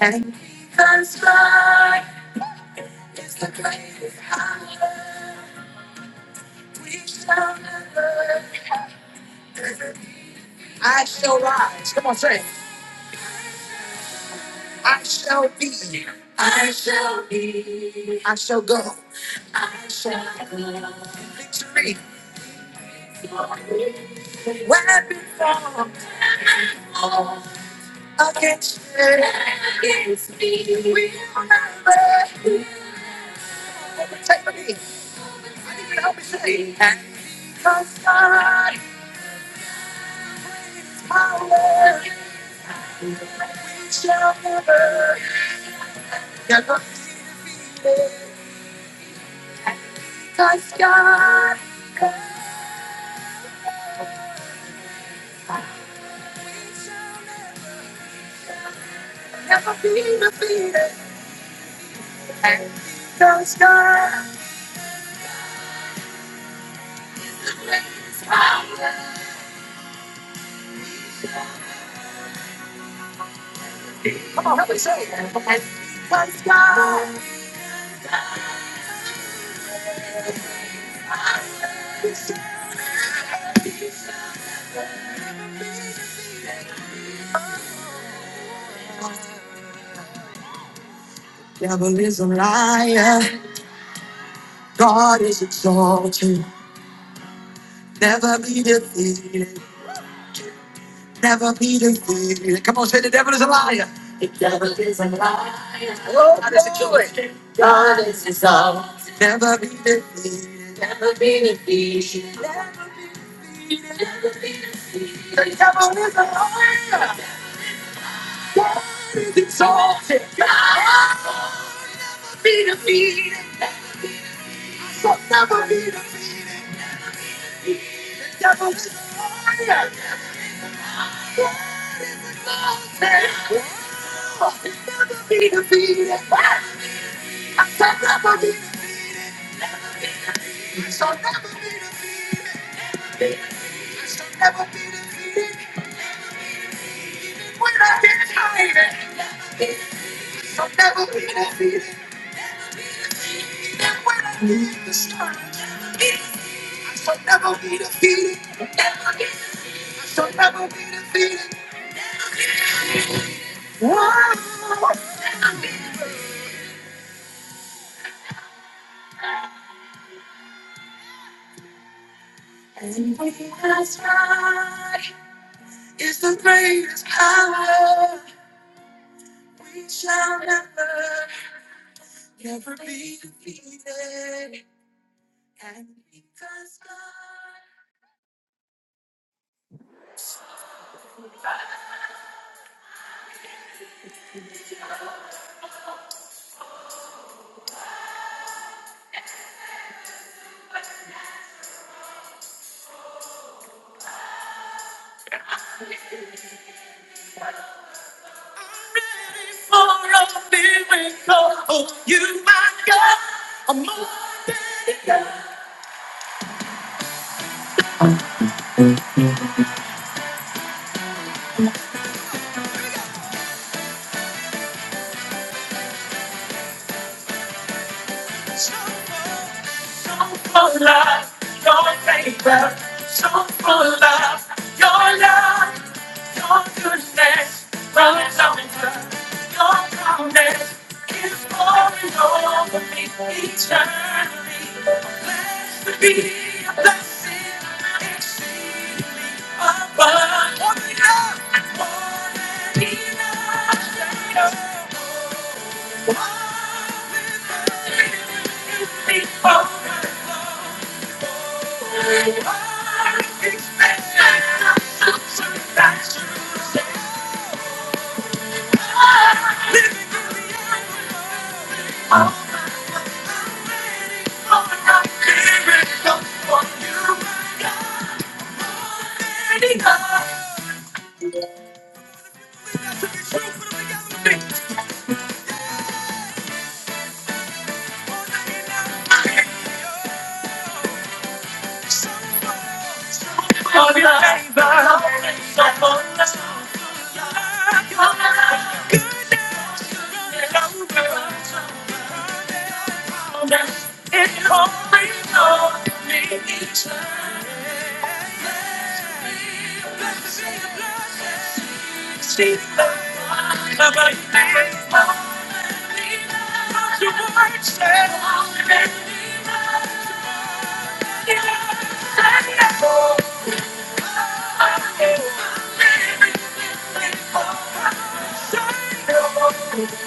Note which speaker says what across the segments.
Speaker 1: And because God is the greatest power, we shall never. I shall rise. Come on, say, it. I shall be. I shall be. I shall go. I shall be. Victory. Weapon formed against me. Against me. We will never. Take for me. I need you to help me say. it. Cause God is power. and We shall never, never be defeated. And Because God is power. We shall never, never be defeated. And Because God is power. Come on, help me say it. And Because God, devil is a liar. God is exalted. Never be defeated. never be defeated. Come on, say the devil is a liar. The devil is a liar. Oh, God is a killer. God is his own. Never be defeated. Never be defeated. The devil is a liar. He's exalted. God will be defeated. Shall never be defeated. The devil is a liar. never be defeated. I shall never be defeated. Shall never be defeated. Shall never be defeated when I get tired. It Shall never be defeated when I get discouraged. I shall never be defeated. Never get. I shall never be defeated. Oh, God is the greatest power. We shall never, never be defeated. And because God for a miracle, you my God. I'm more Your love, your favor, so full of love, your love, your goodness, runs over, your promise, pouring over me eternally. Blessed to be a blessing, exceedingly abundant. More than enough, more than enough. More than enough. More than enough. Thank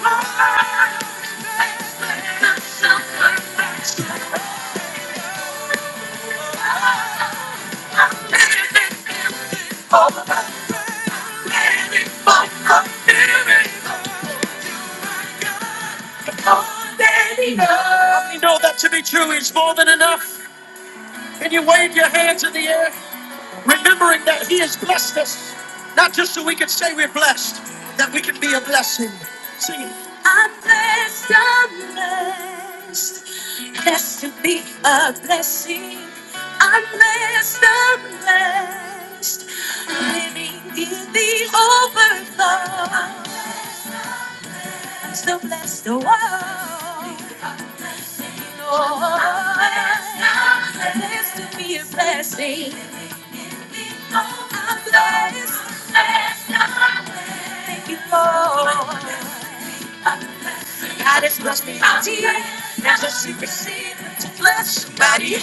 Speaker 1: you. How You know that to be true is more than enough. Can you wave your hands in the air, remembering that He has blessed us, not just so we can say we're blessed, that we can be a blessing. Sing it. I'm blessed, I'm blessed. Living in the overflow. I'm so blessed, oh, oh. I know I'm blessed, I'm blessed to be a blessing. God is must be out There's a secrecy about you.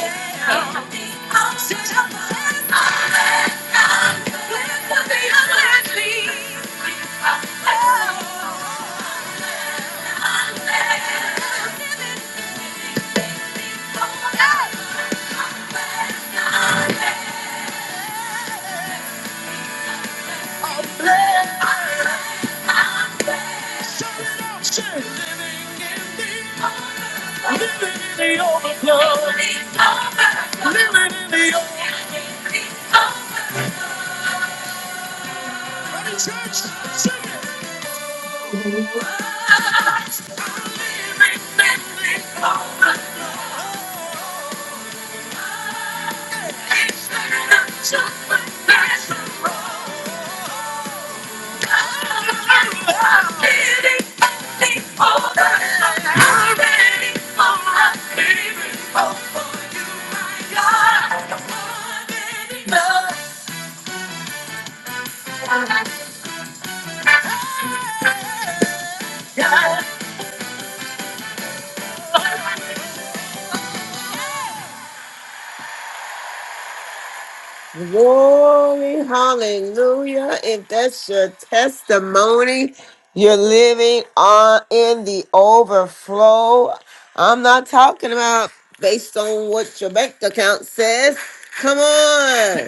Speaker 1: Glory, hallelujah. If that's your testimony, you're living on in the overflow. I'm not talking about based on what your bank account says. Come on.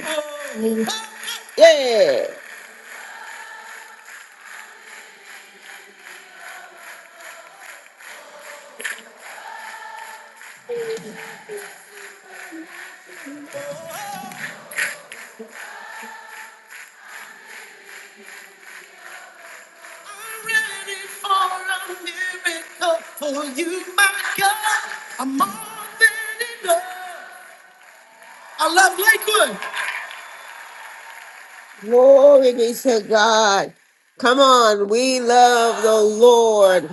Speaker 1: Yeah. Glory be to God. Come on, we love the Lord.